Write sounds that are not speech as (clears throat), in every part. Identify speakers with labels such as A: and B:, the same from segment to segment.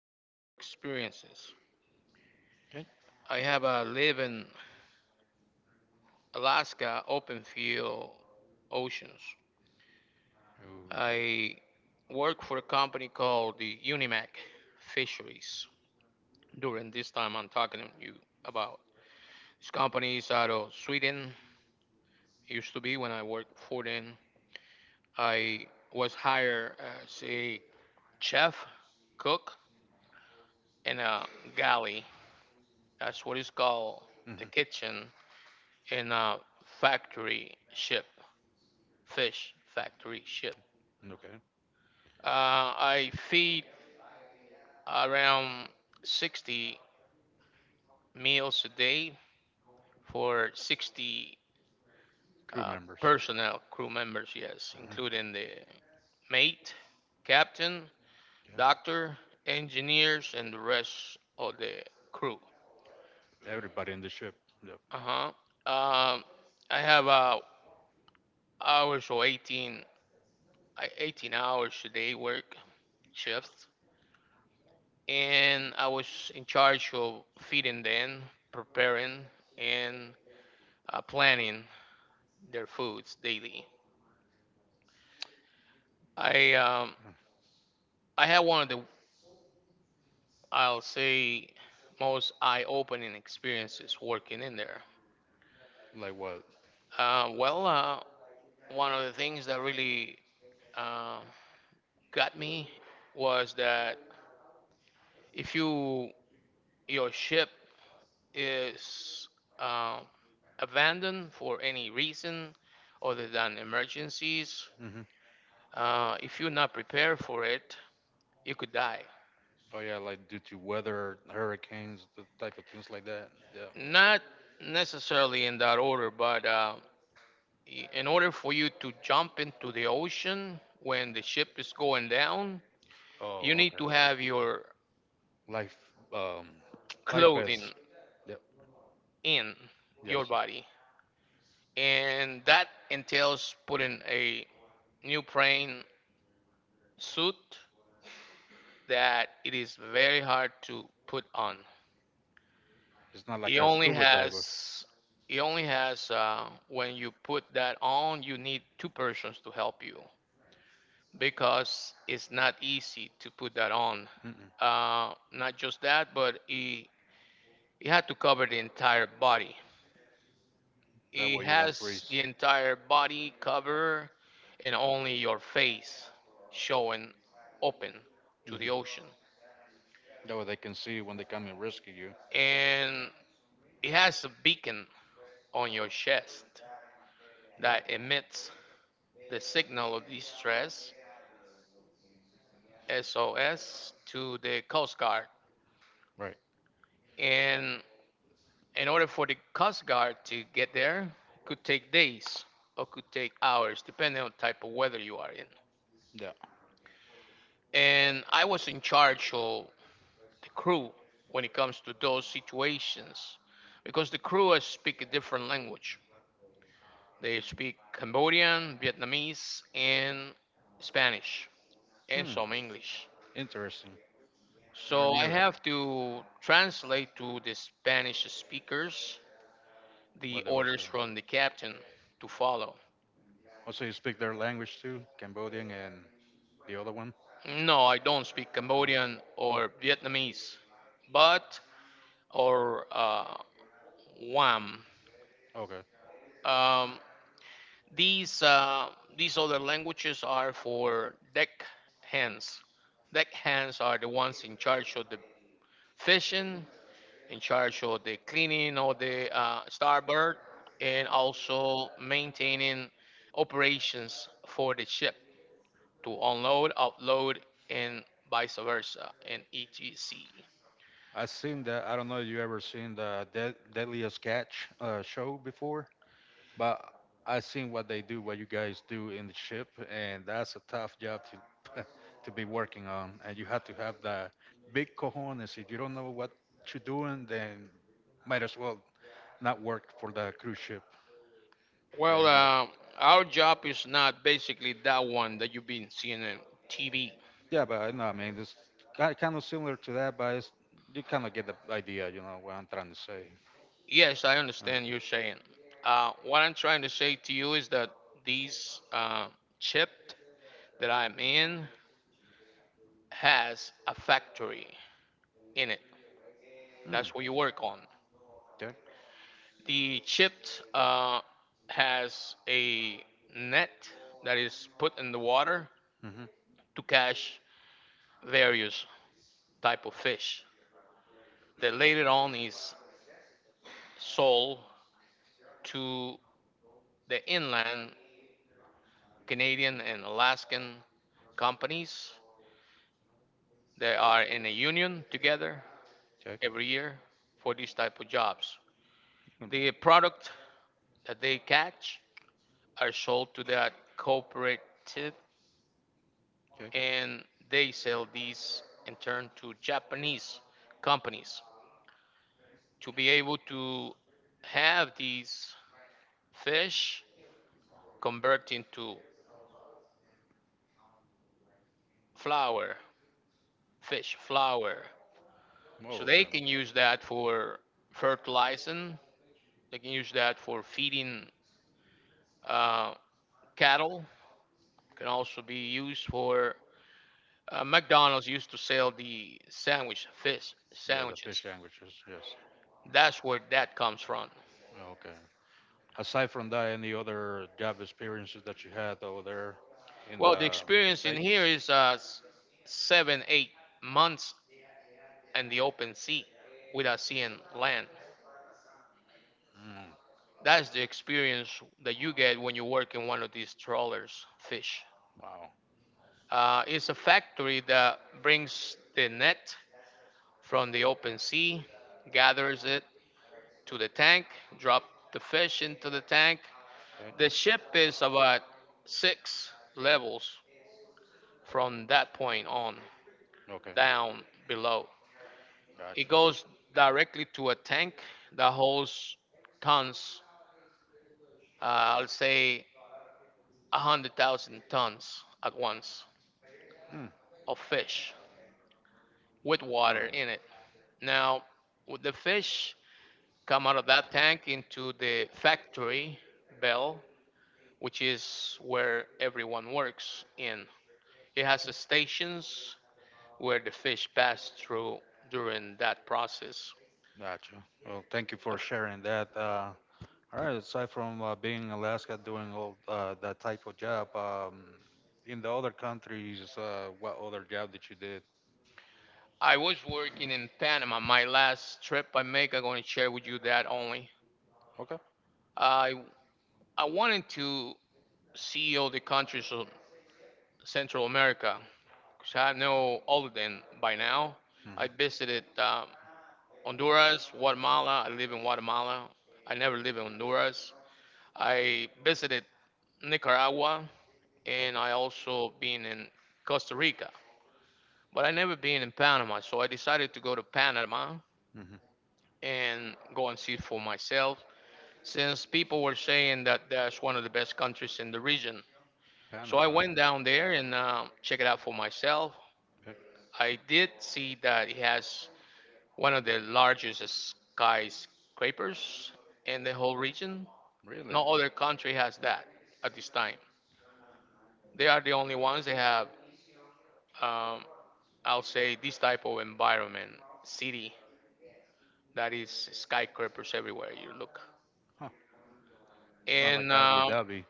A: my work experiences.
B: Okay.
A: I have a live in Alaska open field oceans.
B: Ooh.
A: I work for a company called the Unimac Fisheries. During this time, I'm talking to you about this company is out of Sweden. Used to be when I worked for them. I was hired as a chef, cook, in a galley. That's what is called the
B: Hmm.
A: kitchen in a factory ship, fish factory ship.
B: Okay.
A: I feed around 60 meals a day for 60
B: Crew members.
A: personnel, crew members, yes,
B: Hmm.
A: including the mate, captain,
B: Yeah.
A: doctor, engineers, and the rest of the crew.
B: Everybody in the ship. Yep.
A: Uh-huh. I have hours or 18, 18 hours a day work shifts, and I was in charge of feeding them, preparing, and planning their foods daily. I um, I had one of the, I'll say, most eye-opening experiences working in there.
B: Mm. Like what?
A: Well, one of the things that really uh, got me was that if your ship is um, abandoned for any reason other than emergencies,
B: Hmm.
A: if you're not prepared for it, you could die.
B: Oh yeah, like due to weather, hurricanes, the type of things like that. Yeah.
A: Not necessarily in that order, but in order for you to jump into the ocean when the ship is going down,
B: Oh,
A: you need to
B: okay.
A: have your
B: Life, um, (tsk) life
A: clothing
B: vests. Yep.
A: in
B: Yes.
A: your body. And that entails putting a neoprene suit that it is very hard to put on.
B: It's not
A: It
B: like a
A: only
B: scuba diver.
A: has it only has When you put that on, you need two persons to help you because it's not easy to put that on.
B: Mm-mm.
A: Not just that, but it had to cover the entire body.
B: That way
A: It
B: you won't
A: has
B: freeze.
A: the entire body cover and only your face showing open to the
B: Hmm.
A: ocean.
B: That way they can see you when they come and rescue you.
A: And it has a beacon on your chest that
B: Yeah.
A: emits the signal of distress SOS to the Coast Guard.
B: Right.
A: And in order for the Coast Guard to get there, it could take days or could take hours, depending on the type of weather you are in.
B: Yeah.
A: And I was in charge of the crew when it comes to those situations, because the crew speak a different language. They speak Cambodian, Vietnamese, and Spanish, and
B: Hmm.
A: some English.
B: Interesting. Never
A: So
B: knew
A: I
B: that.
A: have to translate to the Spanish speakers the
B: What they were
A: orders
B: saying.
A: from the captain to follow.
B: Also, you speak their language too, Cambodian and the other one.
A: No, I don't speak
B: No?
A: Cambodian
B: Oh,
A: or Vietnamese, but or Wam.
B: okay.
A: Um, these uh, these other languages are for deck hands. Deck hands are the ones in charge of the fishing, in charge of the cleaning of the starboard, and also maintaining operations for the ship to unload, upload, and vice versa, and etc.
B: I seen that. I don't know if you ever seen the Deadliest Catch show before? But I seen what they do, what you guys do in the ship, and that's a tough job to (laughs) to be working on. And you have to have the big cojones. If you don't know what you're doing, then might as well not work for the cruise ship.
A: Well,
B: Yeah,
A: our job is not basically that one that you've been seeing on TV.
B: yeah, but I know, I mean, it's kind of similar to that, but it's, you kind of get the idea, you know what I'm trying to say.
A: Yes, I
B: Uh,
A: understand you're saying. What I'm trying to say to you is that this ship that I'm in has a factory in it.
B: Mm,
A: That's what you work on.
B: okay.
A: The chipped has a net that is put in the water
B: Mm-hmm.
A: to catch various type of fish. That later on is sold to the inland Canadian and Alaskan companies. They are in a union together
B: Okay.
A: every year for these type of jobs.
B: Mm,
A: The product that they catch are sold to that cooperative,
B: okay.
A: and they sell these in turn to Japanese companies to be able to have these fish convert into flour, fish flour. So
B: Oh,
A: they
B: okay.
A: can use that for fertilizing, they can use that for feeding uh, cattle, can also be used for McDonald's used to sell the sandwich, fish
B: Yeah, the
A: sandwiches.
B: fish sandwiches, yes.
A: That's where that comes from.
B: Okay. Aside from that, any other job experiences that you had over there in
A: Well, the
B: the
A: experience in here
B: States?
A: is 7, 8 months in the open sea without seeing land.
B: Mm,
A: That's the experience that you get when you work in one of these trawlers, fish.
B: wow.
A: It's a factory that brings the net from the open sea, gathers it to the tank, drop the fish into the tank. The
B: Okay.
A: ship is about six levels from that point on
B: Okay.
A: down below. It
B: Gotcha.
A: goes directly to a tank that holds tons, I'll say 100,000 tons at once
B: Mm,
A: of fish with
B: all
A: water
B: right.
A: in it. Now, with the fish come out of that tank into the factory bell, which is where everyone works in. It has the stations where the fish pass through during that process.
B: Gotcha. Well, thank you for
A: A
B: sharing that. All right. Aside from being in Alaska doing all that type of job, in the other countries, what other job that you did?
A: I was working in Panama. My last trip I make, I'm going to share with you that only.
B: Okay.
A: I I wanted to see all the countries of Central America because I know all of them by now. I
B: Hmm.
A: visited Honduras, Guatemala. I live in Guatemala. I never live in Honduras. I visited Nicaragua,
B: Yeah.
A: and I also been in Costa Rica. But I never been in Panama, so I decided to go to Panama
B: Hmm.
A: and go and see for myself since people were saying that that's one of the best countries in the region. So I
B: Panama.
A: went down there and check it out for myself.
B: Okay.
A: I did see that it has one of the largest skyscrapers in the whole region.
B: Really?
A: No other country has that at this time. They are the only ones that have, um, I'll say, this type of environment, city that is skyscrapers everywhere you look.
B: Huh. It's not like
A: And
B: Abu
A: um,
B: Dhabi.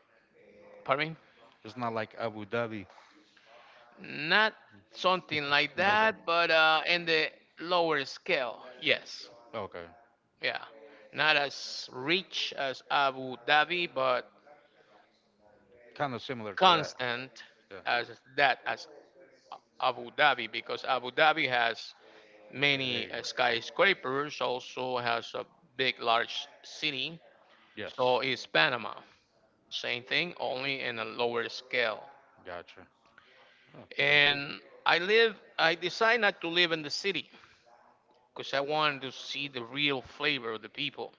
A: pardon me.
B: It's not like Abu Dhabi
A: Not something like
B: (laughs) either.
A: that, but in the lower scale, yes.
B: Okay.
A: Yeah. Not as rich as Abu Dhabi, but
B: Kind of similar to that.
A: constant
B: Yeah.
A: as that as Abu Dhabi, because Abu Dhabi has
B: The
A: many
B: Hague.
A: skyscrapers, also has a big, large city.
B: Yes.
A: So is Panama. Same thing, only in a lower scale.
B: Gotcha. Oh, thank you.
A: And I decide not to live in the city, because I wanted to see the real flavor of the people.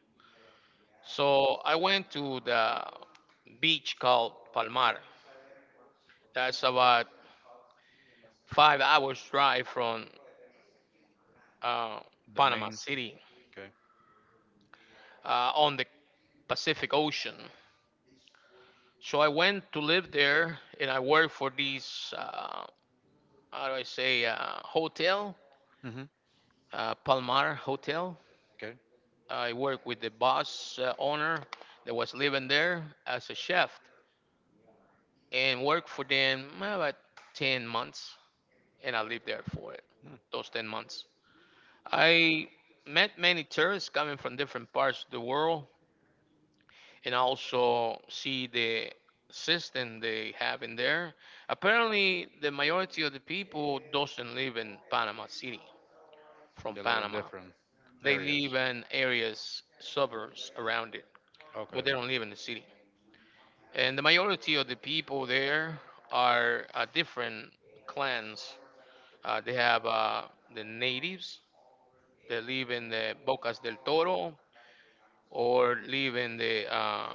A: So I went to the beach called Palmar. That's about 5 hours drive from uh,
B: The
A: Panama
B: main.
A: City
B: Okay.
A: on the Pacific Ocean. So I went to live there, and I worked for this how do I say hotel,
B: Hmm.
A: Palmar Hotel.
B: Okay.
A: I worked with the boss owner that was living there as a chef, and work for them about 10 months, and I lived there for it
B: Mm.
A: those 10 months. I met many tourists coming from different parts of the world, and I also see the system they have in there. Apparently, the majority of the people doesn't live in Panama City. From
B: They live in
A: Panama,
B: different
A: they
B: areas.
A: live in areas, suburbs around it, but
B: Okay.
A: they don't live in the city. And the majority of the people there are different clans. They have the natives that live in the Bocas del Toro or live in the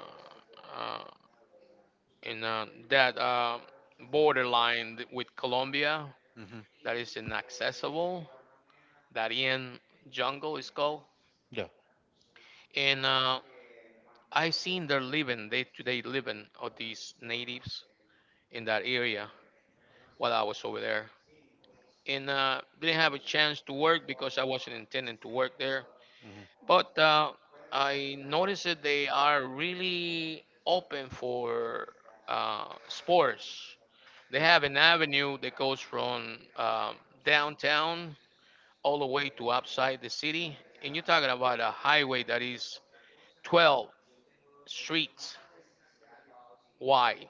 A: uh, in that borderline with Colombia
B: Hmm.
A: that is inaccessible. Darien jungle is called.
B: Yeah.
A: And I seen their living day to day living of these natives in that area while I was over there. And didn't have a chance to work because I wasn't intending to work there.
B: Mm-hmm.
A: But I noticed that they are really open for sports. They
B: There-
A: have an avenue that goes from downtown all the way to outside the city. And you're talking about a highway that is 12 streets wide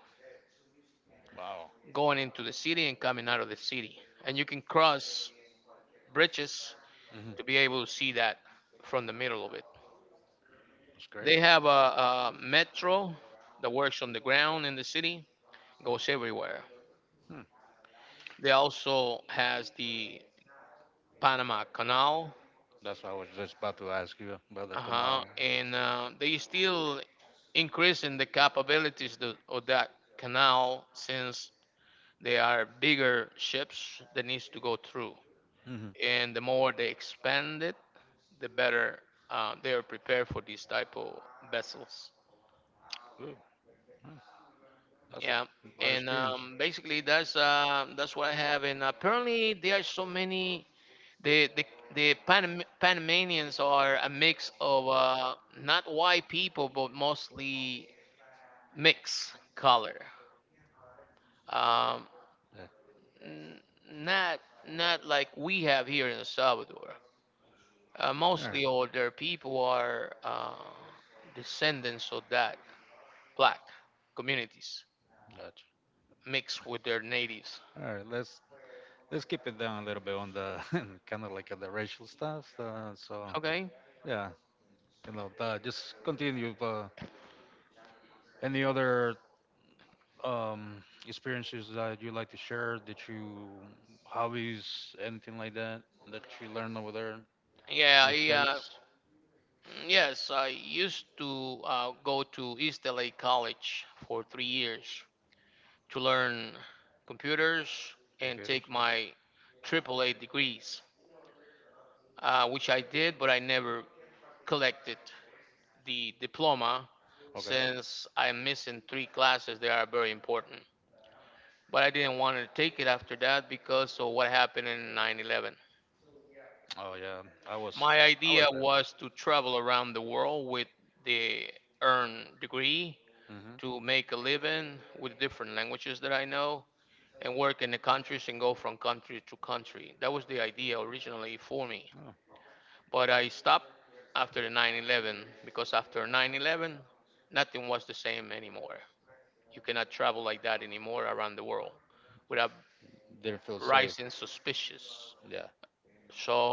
B: Wow.
A: going into the city and coming out of the city. And you can cross bridges
B: Hmm.
A: to be able to see that from the middle of it.
B: That's great.
A: They have a metro that works on the ground in the city goes everywhere.
B: Hmm.
A: They also has the Panama Canal,
B: That's what I was just about to ask you about the
A: uh-huh,
B: canal.
A: and they still increasing the capabilities of that canal since they are bigger ships that needs to go through.
B: Hmm.
A: And the more they expand it, the better they are prepared for these type of vessels.
B: Good. Hmm. That's
A: Yeah,
B: a lot of
A: and
B: experience.
A: um, basically that's what I have. And apparently there are so many the the the Panam- Panamanians are a mix of not white people, but mostly mixed color. Um,
B: Yeah.
A: n- not not like we have here in El Salvador.
B: All right.
A: Mostly all their people are descendants of that black communities
B: Gotcha.
A: mixed with their natives.
B: All right. Let's keep it down a little bit on the (laughs) kind of like the racial stuff. So
A: Okay.
B: yeah, you know, just continue. Any other experiences that you like to share? Did you hobbies, anything like that that you learned over there in
A: Yeah,
B: the
A: yeah,
B: States?
A: yes. I used to go to East LA College for 3 years to learn computers and
B: Computers.
A: take my AAA degrees, which I did, but I never collected the diploma
B: Okay.
A: since I'm missing three classes that are very important. But I didn't want to take it after that because of what happened in 9/11.
B: Oh yeah, I was
A: My
B: I was
A: idea
B: there.
A: was to travel around the world with the earned degree
B: Hmm.
A: to make a living with different languages that I know and work in the countries and go from country to country. That was the idea originally for me.
B: Oh,
A: But I stopped after the 9/11 because after 9/11, nothing was the same anymore. You cannot travel like that anymore around the world without
B: didn't feel safe.
A: rising suspicious.
B: Yeah,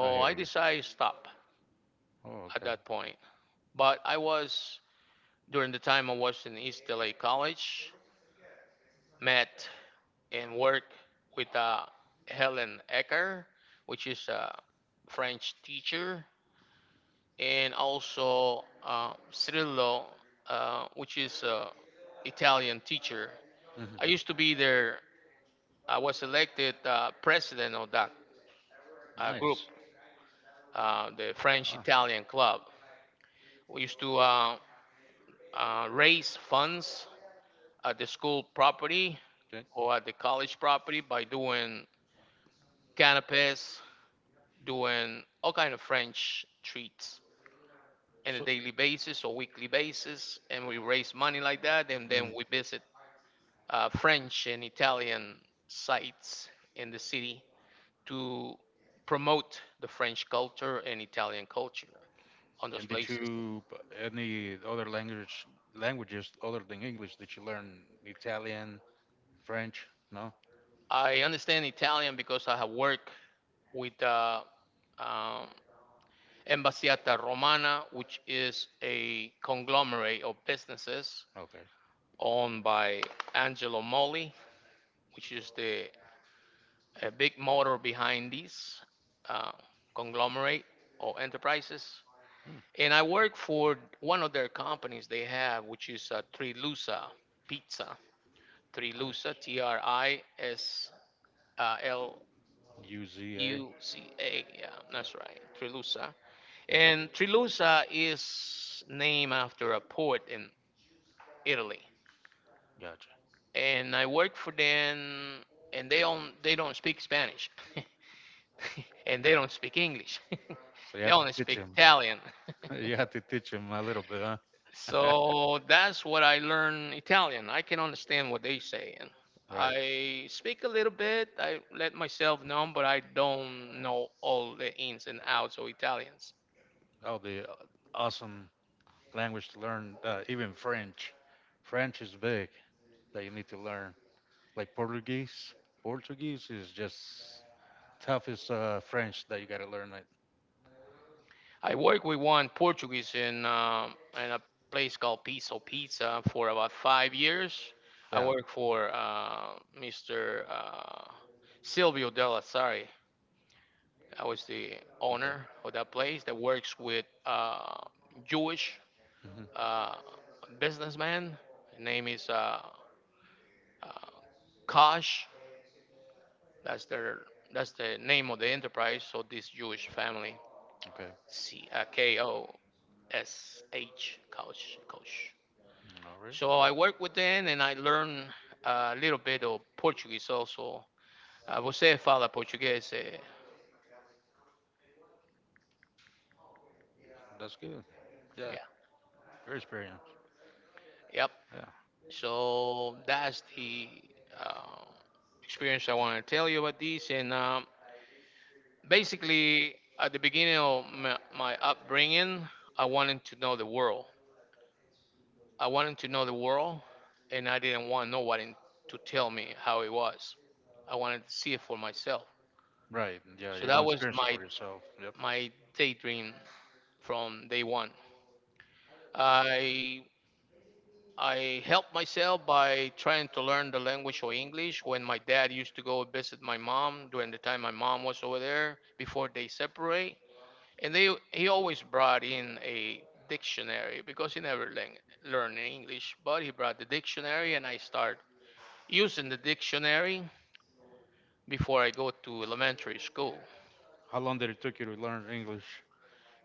B: I hear
A: I
B: you.
A: decided to stop
B: Oh,
A: at
B: okay.
A: that point. But I was, during the time I was in East LA College, met and worked with Helen Ecker, which is a French teacher, and also Cirillo, which is an Italian teacher.
B: Hmm.
A: I used to be there. I was elected president of that group,
B: Nice.
A: the French
B: Ah,
A: Italian Club. We used to raise funds at the school property
B: okay.
A: or at the college property by doing canopies, doing all kind of French treats on a
B: So,
A: daily basis or weekly basis, and we raise money like that, and then
B: mm.
A: we visit French and Italian sites in the city to promote the French culture and Italian culture on those
B: and did
A: places.
B: you any other languages other than English? Did you learn Italian, French? No.
A: I understand Italian because I have worked with um, Embassiata Romana, which is a conglomerate of businesses
B: Okay.
A: owned by Angelo Molli, which is the big motor behind these uh, conglomerate or enterprises.
B: Hmm,
A: And I work for one of their companies they have, which is Trilusa Pizza. Trilusa,
B: nice.
A: T R I S L
B: UZA.
A: U C A. Yeah,
B: Uh,
A: that's right, Trilusa.
B: okay.
A: And Trilusa is named after a port in Italy.
B: Gotcha.
A: And I work for them, and they don't speak Spanish. (laughs) (laughs) And they don't speak English. (laughs)
B: So you
A: They
B: had to
A: only
B: teach
A: speak
B: him.
A: Italian.
B: (laughs)
A: (laughs)
B: You had to teach him a little bit, huh? (laughs)
A: So that's what I learned Italian. I can understand what they say. And
B: Right.
A: I speak a little bit. I let myself know, but I don't know all the ins and outs of Italians.
B: That'll be awesome language to learn, even French. French is big that you need to learn. Like Portuguese, Portuguese is just toughest French that you gotta learn it.
A: I work with one Portuguese in a place called Piso Pizza for about 5 years. I
B: Yeah.
A: work for Mr. Silvio Della Sarri. I was the
B: Okay.
A: owner of that place that works with Jewish
B: Hmm.
A: uh, businessman. His name is uh, Kosh. That's their that's the name of the enterprise. So this Jewish family,
B: Okay.
A: C K O S H Kosh Kosh.
B: All right.
A: So I worked with them and I learned a little bit of Portuguese also. Você fala português? Eh?
B: That's good. Yeah.
A: Yeah.
B: Your experience.
A: Yep.
B: Yeah.
A: So that's the uh, experience I want to tell you about this. And basically, at the beginning of my upbringing, I wanted to know the world. I wanted to know the world, and I didn't want nobody to tell me how it was. I wanted to see it for myself.
B: Right. Yeah.
A: So
B: You
A: that
B: want to
A: was
B: experience it
A: my
B: for yourself. Yep.
A: my daydream from day one. I I helped myself by trying to learn the language or English when my dad used to go visit my mom during the time my mom was over there before they separate. And they he always brought in a dictionary because he never learned English, but he brought the dictionary and I start using the dictionary before I go to elementary school.
B: How long did it took you to learn English?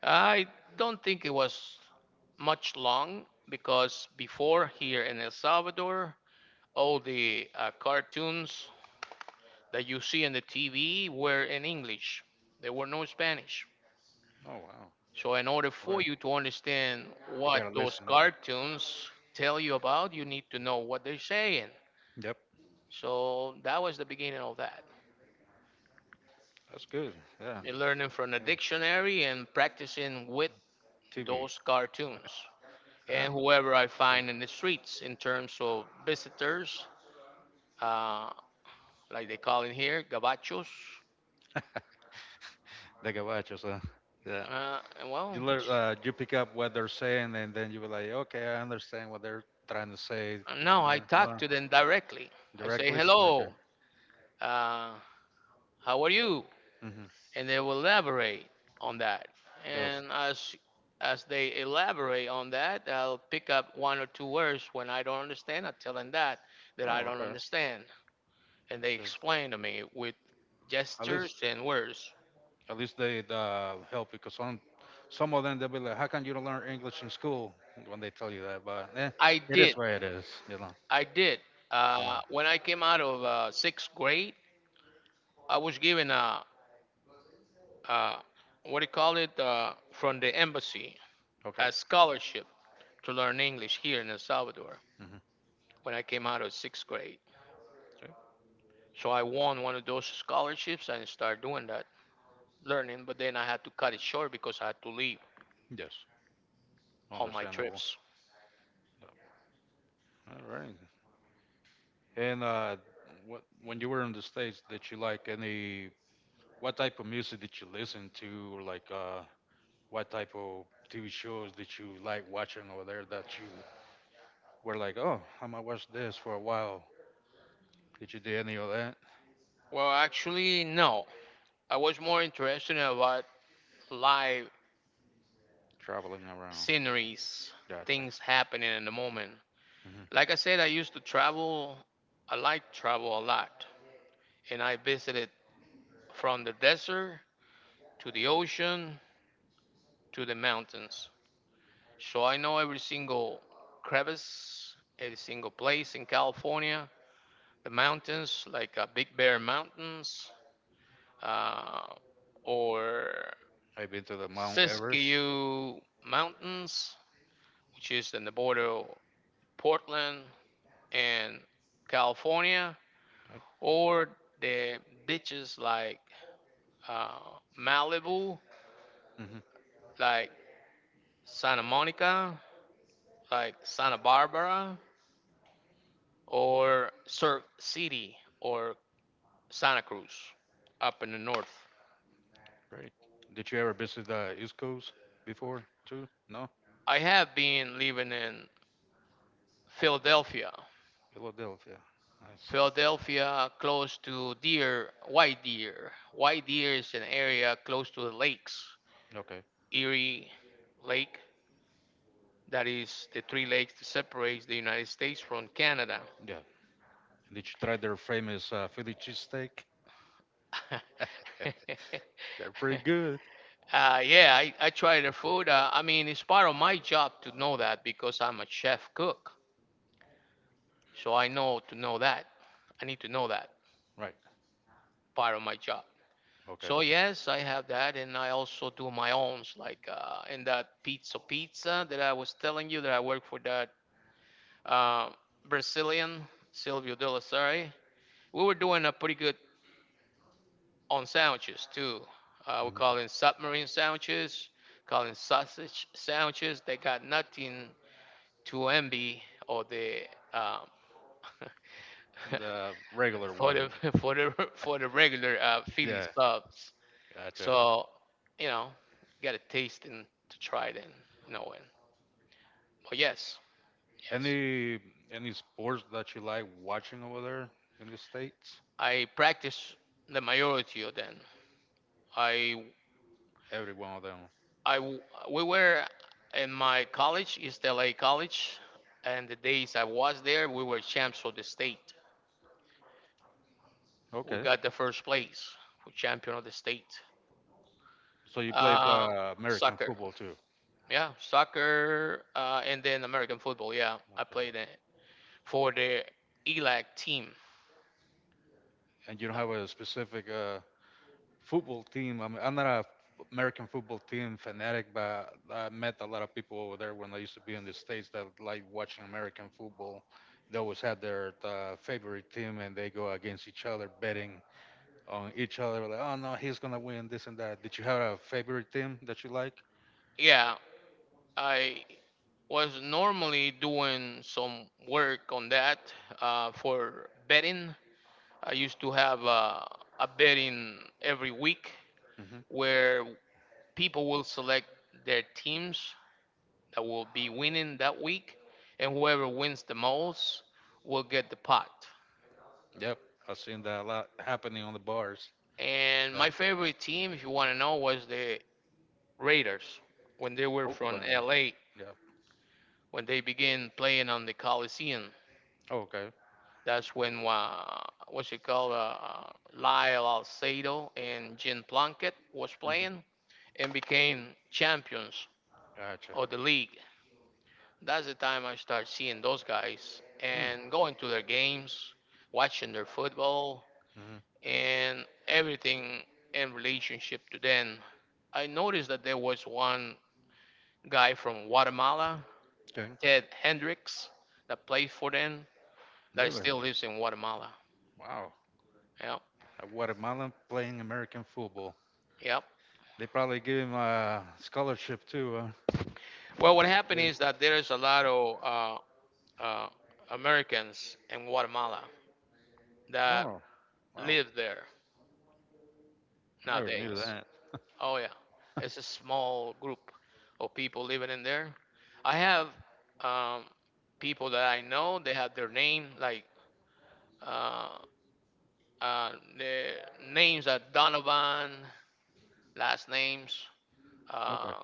A: I don't think it was much long because before here in El Salvador, all the cartoons that you see on the TV were in English. There were no Spanish.
B: Oh wow.
A: So, in order
B: All
A: for
B: right.
A: you to understand
B: You
A: what
B: gotta
A: those
B: listen.
A: cartoons tell you about, you need to know what they're saying.
B: Yep.
A: So, that was the beginning of that.
B: That's good. Yeah.
A: You're learning from the
B: Hey,
A: dictionary and practicing with
B: TV.
A: those
B: (laughs)
A: cartoons
B: Yeah.
A: and whoever I
B: Okay.
A: find in the streets in terms of visitors, uh, like they call in here, gabachos.
B: They can watch us. Huh? Yeah.
A: Uh, and
B: You
A: well,
B: learn, you pick up what they're saying, and then you were like, okay, I understand what they're trying to say.
A: No, I
B: Yeah,
A: talk
B: no,
A: to them directly. I say,
B: directly. Okay.
A: hello, uh, how are you?
B: Hmm.
A: And they will elaborate on that.
B: Those.
A: And as they elaborate on that, I'll pick up one or two words when I don't understand. I tell them that I
B: Oh,
A: don't
B: okay.
A: understand. And
B: That's
A: they
B: good.
A: explain to me with
B: At least,
A: gestures and words.
B: at least they help because some of them they'll be like, how can you don't learn English in school when they tell you that? But eh,
A: I
B: it is
A: did.
B: where it is. You know.
A: I did.
B: Yeah.
A: When I came out of sixth grade, I was given a, a what do you call it, from the embassy,
B: Okay.
A: a scholarship to learn English here in El Salvador
B: Hmm.
A: when I came out of sixth grade. So I won one of those scholarships and started doing that learning, but then I had to cut it short because I had to leave
B: Yes.
A: on my
B: Understandable.
A: trips.
B: All right. And what when you were in the States, did you like any what type of music did you listen to? Or like, what type of TV shows did you like watching over there that you were like, oh, I might watch this for a while? Did you do any of that?
A: Well, actually, no. I was more interested about live
B: Traveling around.
A: sceneries,
B: Gotcha.
A: things happening in the moment.
B: Hmm.
A: Like I said, I used to travel. I like travel a lot, and I visited from the desert to the ocean to the mountains. So I know every single crevice, every single place in California, the mountains, like Big Bear Mountains uh, or
B: Have you been to the Mount Everest?
A: Siskiyou Mountains, which is in the border of Portland and California,
B: Okay,
A: or the beaches like uh, Malibu,
B: hmm,
A: like Santa Monica, like Santa Barbara, or Surf City, or Santa Cruz, up in the north.
B: great. Did you ever visit the East Coast before too? No?
A: I have been living in Philadelphia.
B: Philadelphia. Nice.
A: Philadelphia, close to Deer, White Deer. White Deer is an area close to the lakes,
B: Okay.
A: Erie Lake, that is the three lakes that separates the United States from Canada. (laughs)
B: Yeah. Did you try their famous Philly cheesesteak? (laughs) They're pretty good.
A: Yeah, I try their food. I mean, it's part of my job to know that because I'm a chef cook. So I know to know that. I need to know that
B: Right.
A: part of my job.
B: Okay.
A: So yes, I have that, and I also do my owns, like in that pizza that I was telling you that I work for that uh, Brazilian Silvio De La Sarre. We were doing a pretty good on sandwiches too. We
B: Mhm.
A: call it submarine sandwiches, call it sausage sandwiches. They got nothing to envy or the um,
B: The regular
A: (laughs) for the
B: one.
A: (laughs) for the regular Philly
B: Yeah.
A: subs.
B: Gotcha.
A: So, you know, got to taste and to try it and know it. But yes, yes,
B: Any any sports that you like watching over there in the States?
A: I practice the majority of them. I,
B: Every one of them.
A: I, w- we were in my college, East LA College, and the days I was there, we were champs of the state. We
B: Okay.
A: got the first place for champion of the state.
B: So you played
A: Uh,
B: American
A: Soccer,
B: football too,
A: yeah, soccer, and then American football. Yeah, I
B: okay,
A: played it for the ELAC team.
B: and you don't have a specific football team. I'm not a American football team fanatic, but I met a lot of people over there when I used to be in the States that like watching American football. They always had their favorite team, and they go against each other, betting on each other. Like, oh no, he's gonna win this and that. Did you have a favorite team that you like?
A: Yeah, I was normally doing some work on that for betting. I used to have a betting every week
B: Hmm.
A: where people will select their teams that will be winning that week, and whoever wins the most will get the pot.
B: Yep, I've seen that a lot happening on the bars.
A: And
B: Yeah.
A: my favorite team, if you want to know, was the Raiders when they were from
B: Oakland.
A: LA
B: Yep.
A: when they began playing on the Coliseum.
B: Oh, okay.
A: That's when what's it called? Lyle Alcedo and Jim Plunkett was
B: Hmm.
A: playing and became champions
B: Gotcha.
A: of the league. That's the time I start seeing those guys
B: Mm,
A: and going to their games, watching their football
B: hmm,
A: and everything in relationship to them. I noticed that there was one guy from Guatemala,
B: okay.
A: Ted Hendricks, that played for them
B: Yeah.
A: that
B: Really?
A: still lives in Guatemala.
B: Wow.
A: Yeah,
B: A Guatemalan playing American football.
A: yeah.
B: They probably give him a scholarship too. Huh?
A: Well, what happened
B: Really?
A: is that there is a lot of uh, Americans in Guatemala that
B: Oh, wow.
A: live there
B: I never knew
A: nowadays.
B: that.
A: Oh yeah, it's a small group of people living in there. I have um, people that I know. They have their name like uh, uh, the names are Donovan, last names.
B: Okay.
A: Uh,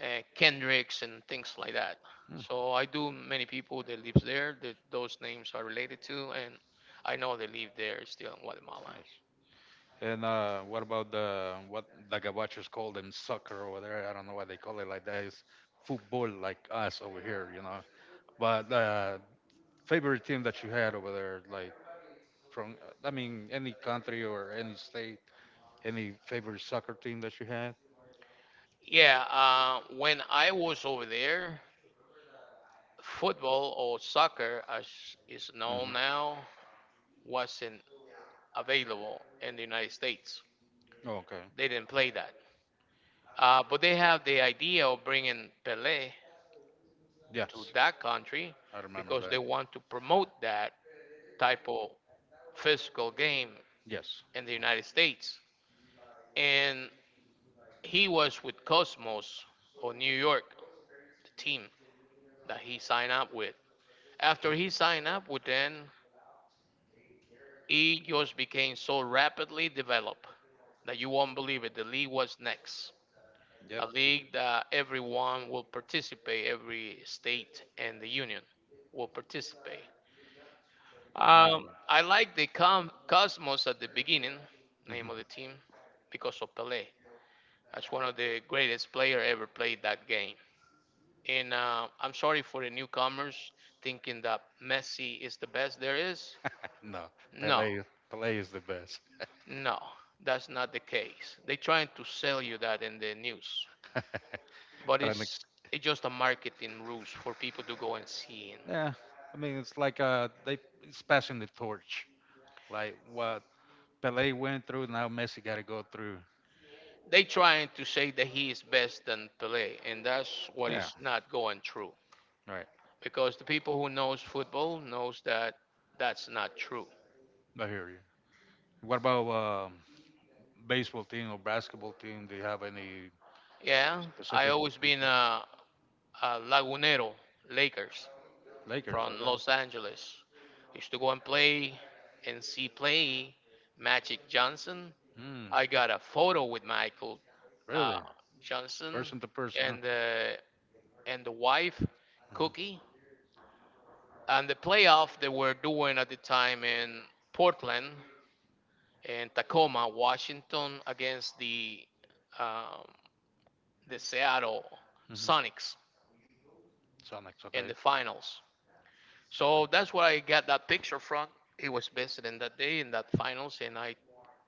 A: Kendricks and things like that.
B: Hmm.
A: So I do many people that lives there that those names are related to, and I know they live there still in Guatemala.
B: Nice. And what about the what the gabachos call them soccer over there? I don't know why they call it like that. It's football like us over here, you know. But favorite team that you had over there, like from I mean any country or any state, any favorite soccer team that you had?
A: Yeah, when I was over there, football or soccer, as is known
B: Hmm.
A: now, wasn't available in the United States.
B: Oh, okay.
A: They didn't play that. But they have the idea of bringing Pelé to
B: Yes,
A: that country
B: I remember
A: because
B: that.
A: they want to promote that type of physical game
B: Yes.
A: in the United States. And he was with Cosmos of New York, the team that he signed up with. After
B: Okay.
A: he signed up with them, he just became so rapidly developed that you won't believe it. The league was next.
B: Yep.
A: A league that everyone will participate, every state and the union will participate.
B: Nada.
A: I like the Cosmos at the beginning,
B: Mhm.
A: name of the team, because of Pelé. That's one of the greatest player ever played that game. And I'm sorry for the newcomers thinking that Messi is the best there is.
B: No,
A: No,
B: Pele. Pele is the best.
A: no, that's not the case. They're trying to sell you that in the news, but
B: But I think,
A: it's just a marketing ruse for people to go and see him.
B: yeah. I mean, it's like they it's passing the torch. Like what Pele went through, now Messi got to go through.
A: They trying to say that he is best than Pelé, and that's what
B: Yeah.
A: is not going true.
B: Right.
A: Because the people who knows football knows that that's not true.
B: I hear you. What about um, baseball team or basketball team? Do you have any
A: Yeah, I
B: Pacific
A: always been a Lagunero Lakers
B: Lakers.
A: from
B: Okay.
A: Los Angeles. Used to go and play and see play Magic Johnson.
B: Hmm.
A: I got a photo with Michael uh,
B: Really?
A: Johnson
B: Person to person. Huh?
A: and the wife
B: Hmm.
A: Cookie and the playoff they were doing at the time in Portland and Tacoma, Washington against um, the Seattle
B: Hmm.
A: Sonics
B: Sonics.
A: in
B: Okay.
A: the finals. So
B: Gotcha.
A: that's where I got that picture from. He was visiting that day in that finals, and I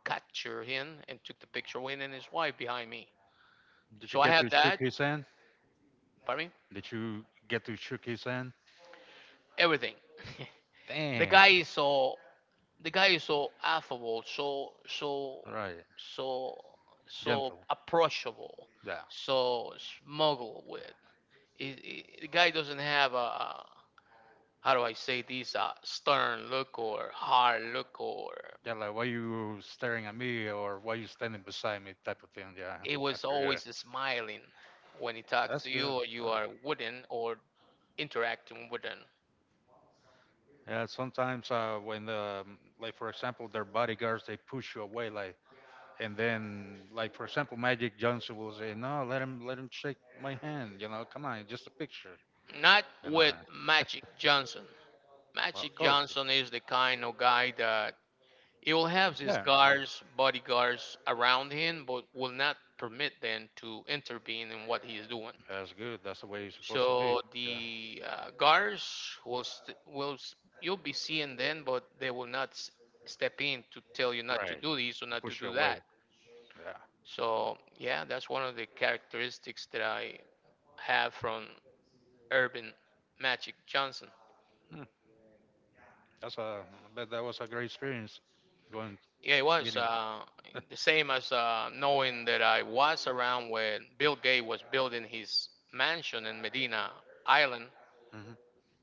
A: captured him and took the picture with him and his wife behind me.
B: Did you
A: So I
B: get
A: had
B: to shook
A: that,
B: his hand?
A: pardon me,
B: Did you get to shook his hand?
A: everything. (laughs) the
B: Damn.
A: guy is so the guy is so affable, so
B: Right.
A: so
B: Gentle.
A: approachable,
B: Yeah.
A: so smuggled with. The guy doesn't have a, how do I say this, a stern look or hard look or
B: Yeah, like why you staring at me or why you standing beside me type of thing. Yeah.
A: It
B: I
A: was
B: feel you.
A: always smiling when he talks
B: That's
A: to you
B: good.
A: or you
B: Uh,
A: are wooden or interacting with him.
B: yeah. Sometimes when the like for example their bodyguards they push you away like and then, like for example, Magic Johnson will say, "No, let him shake my hand. You know, come on, just a picture."
A: Not
B: And I,
A: with Magic Johnson.
B: well, of
A: Magic
B: course,
A: Johnson is the kind of guy that he will have his
B: yeah,
A: guards, bodyguards around him, but will not permit them to intervene in what he is doing.
B: that's good. That's the way you're supposed to be.
A: So
B: Yeah,
A: the guards will st- will s- you'll be seeing them, but they will not step in to tell you not to
B: right.
A: do this or
B: And
A: not to
B: push you
A: do
B: away.
A: that.
B: Yeah,
A: So yeah, that's one of the characteristics that I have from Urban Magic Johnson.
B: hmm, that's a. I bet that was a great experience, going
A: Yeah, it was
B: meeting.
A: the
B: (laughs)
A: same as knowing that I was around when Bill Gates was building his mansion in Medina Island.
B: Hmm.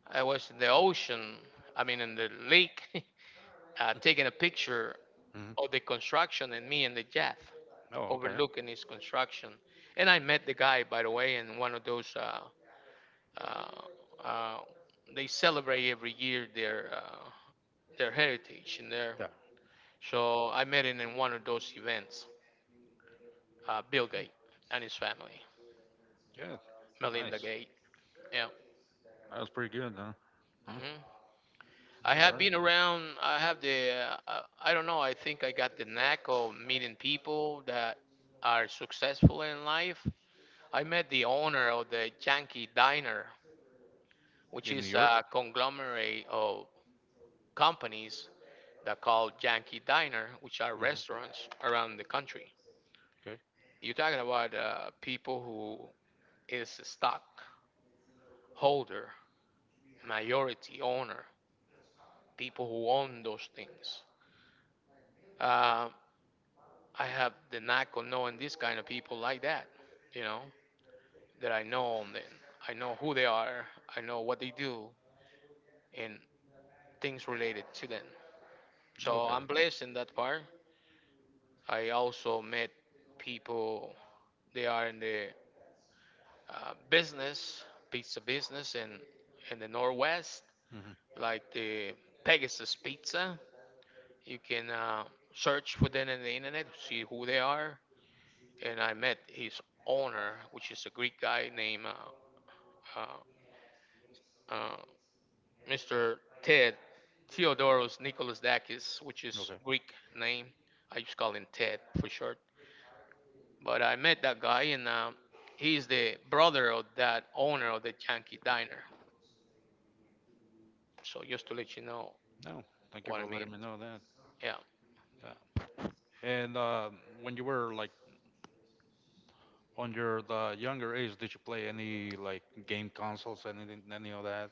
A: I was in the ocean, I mean, in the lake, (laughs) taking a picture of
B: Hmm.
A: the construction and me and the jet
B: Oh, okay.
A: overlooking his construction. And I met the guy, by the way, in one of those. Uh, uh, they celebrate every year their heritage in there.
B: Yeah,
A: So I met him in one of those events, Bill Gates and his family,
B: yeah,
A: Melinda
B: nice.
A: Gates. Yeah,
B: That was pretty good, huh? Huh?
A: mhm. I
B: All
A: have
B: right.
A: been around. I have the. I don't know. I think I got the knack of meeting people that are successful in life. I met the owner of the Yankee Diner, which
B: In New
A: is
B: York.
A: a conglomerate of companies that call Yankee Diner, which are
B: Hmm.
A: restaurants around the country.
B: Okay.
A: You're talking about people who is a stockholder, majority owner, people who own those things. Uh, I have the knack of knowing this kind of people like that, you know, that I know them. I know who they are. I know what they do and things related to them. So
B: Okay.
A: I'm blessed in that part. I also met people. They are in the business, pizza business in the Northwest,
B: Hmm.
A: like the Pegasus Pizza. You can search for them in the internet, see who they are. And I met his owner, which is a Greek guy named uh, uh, Mr. Ted Theodoros Nicholasdakis, which is
B: Okay.
A: Greek name. I just call him Ted for short. But I met that guy, and he's the brother of that owner of the Yankee Diner. So just to let you know
B: No, thank you
A: what
B: for
A: I mean,
B: letting me know that.
A: yeah.
B: Yeah. And when you were like on your the younger age, did you play any like game consoles, anything, any of that?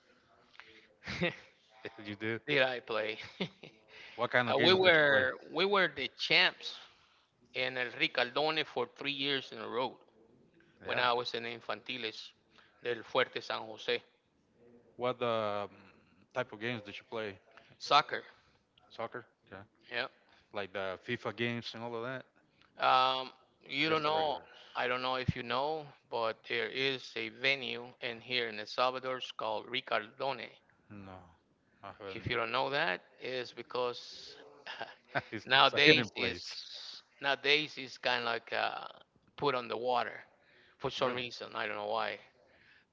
A: (laughs)
B: (laughs) You did.
A: Did I play? (laughs)
B: What kind of
A: We
B: games did you play?
A: were we were the champs in El Ricardone for 3 years in a row when
B: Yeah.
A: I was in Infantiles del Fuerte San Jose
B: What type of games did you play?
A: soccer.
B: Soccer? Okay.
A: Yeah.
B: Like the FIFA games and all of that,
A: Um,
B: or
A: you don't
B: just the
A: know.
B: regular?
A: I don't know if you know, but there is a venue in here in El Salvador, it's called Ricardone.
B: No, I
A: If
B: haven't.
A: you don't know that, is because
B: (laughs)
A: (laughs)
B: It's a
A: nowadays
B: hidden
A: is
B: place.
A: nowadays is kind of like put on the water for some
B: Really?
A: reason. I don't know why.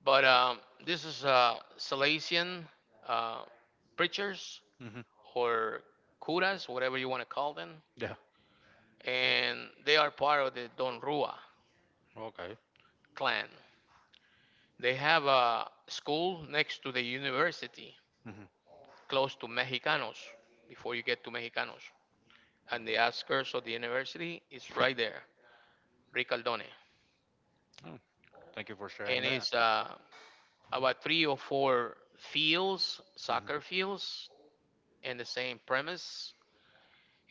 A: But this is Salesian uh, preachers
B: Hmm.
A: or curas, whatever you want to call them,
B: Yeah.
A: and they are part of the Don Rua
B: Okay.
A: clan. They have a school next to the university,
B: Hmm.
A: close to Mexicanos. Before you get to Mexicanos, and the outskirts of the university is right there, Ricaldone,
B: Oh, thank you for sharing
A: and
B: that.
A: it's about three or four fields, soccer
B: Hmm.
A: fields, and the same premise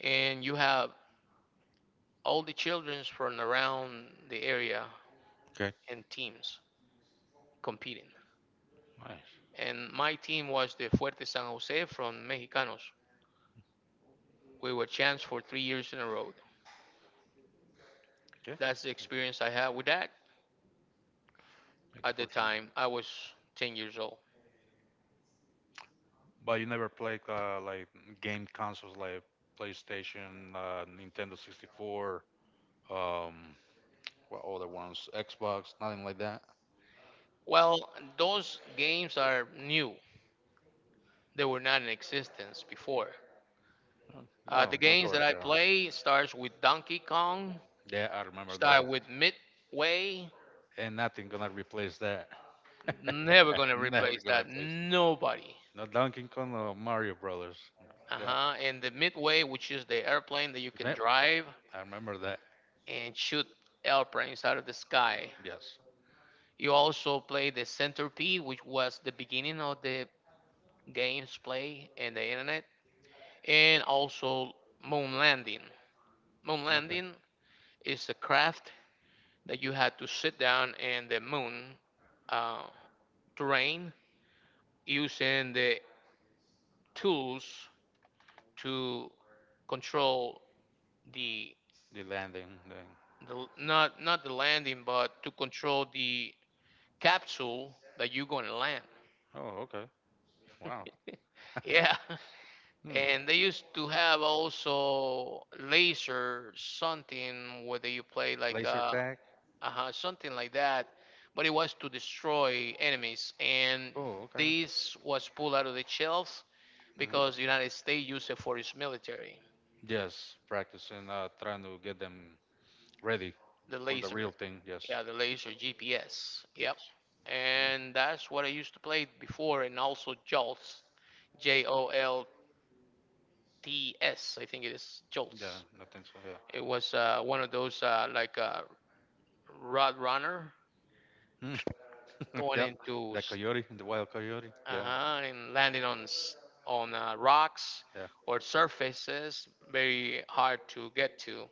A: and you have all the children from around the area
B: Okay.
A: and teams competing.
B: Nice.
A: And my team was the Fuerte San Jose from Mexicanos. We were champs for 3 years in a row.
B: Okay.
A: That's the experience I had with that.
B: Thank you
A: At the
B: for sharing.
A: time, I was 10 years old.
B: But you never played like game consoles like PlayStation, Nintendo 64, um, what other ones? Xbox, nothing like that.
A: Well, those games are new. They were not in existence before.
B: No,
A: The
B: no, of
A: games that
B: course.
A: I
B: Yeah,
A: play starts with Donkey Kong,
B: yeah, I remember
A: start
B: those.
A: with Midway.
B: And nothing gonna replace that.
A: Never
B: (laughs)
A: gonna
B: Never
A: replace
B: gonna
A: that.
B: replace.
A: Nobody.
B: No Donkey Kong or Mario Brothers. Yeah,
A: Uh-huh. And the Midway, which is the airplane that you can
B: yep,
A: drive
B: I remember that.
A: and shoot airplanes out of the sky.
B: Yes.
A: You also play the Centipede, which was the beginning of the game's play and the internet, and also Moon Landing. Moon
B: Okay.
A: Landing is a craft that you had to sit down in the moon uh, terrain using the tools to control the
B: The landing thing.
A: not the landing, but to control the capsule that you're going to land.
B: Oh, okay. Wow.
A: (laughs) yeah.
B: Hmm.
A: And they used to have also laser something whether you play like
B: Laser tag.
A: something like that, but it was to destroy enemies. And
B: Oh, okay.
A: this was pulled out of the shelves
B: Hmm.
A: because the United States used it for its military,
B: Yes, practicing, trying to get them ready
A: the
B: for the real
A: laser.
B: thing. Yes,
A: Yeah, the laser GPS. Yep.
B: yes,
A: And that's what I used to play before, and also Jolts, J O L TS, I think it is
B: yeah,
A: Jolts.
B: I think so.
A: It was one of those like rod runner
B: Yeah, (laughs)
A: going
B: yeah,
A: into
B: the coyote, the wild coyote. Yeah,
A: and landing on rocks
B: yeah,
A: or surfaces very hard to get to.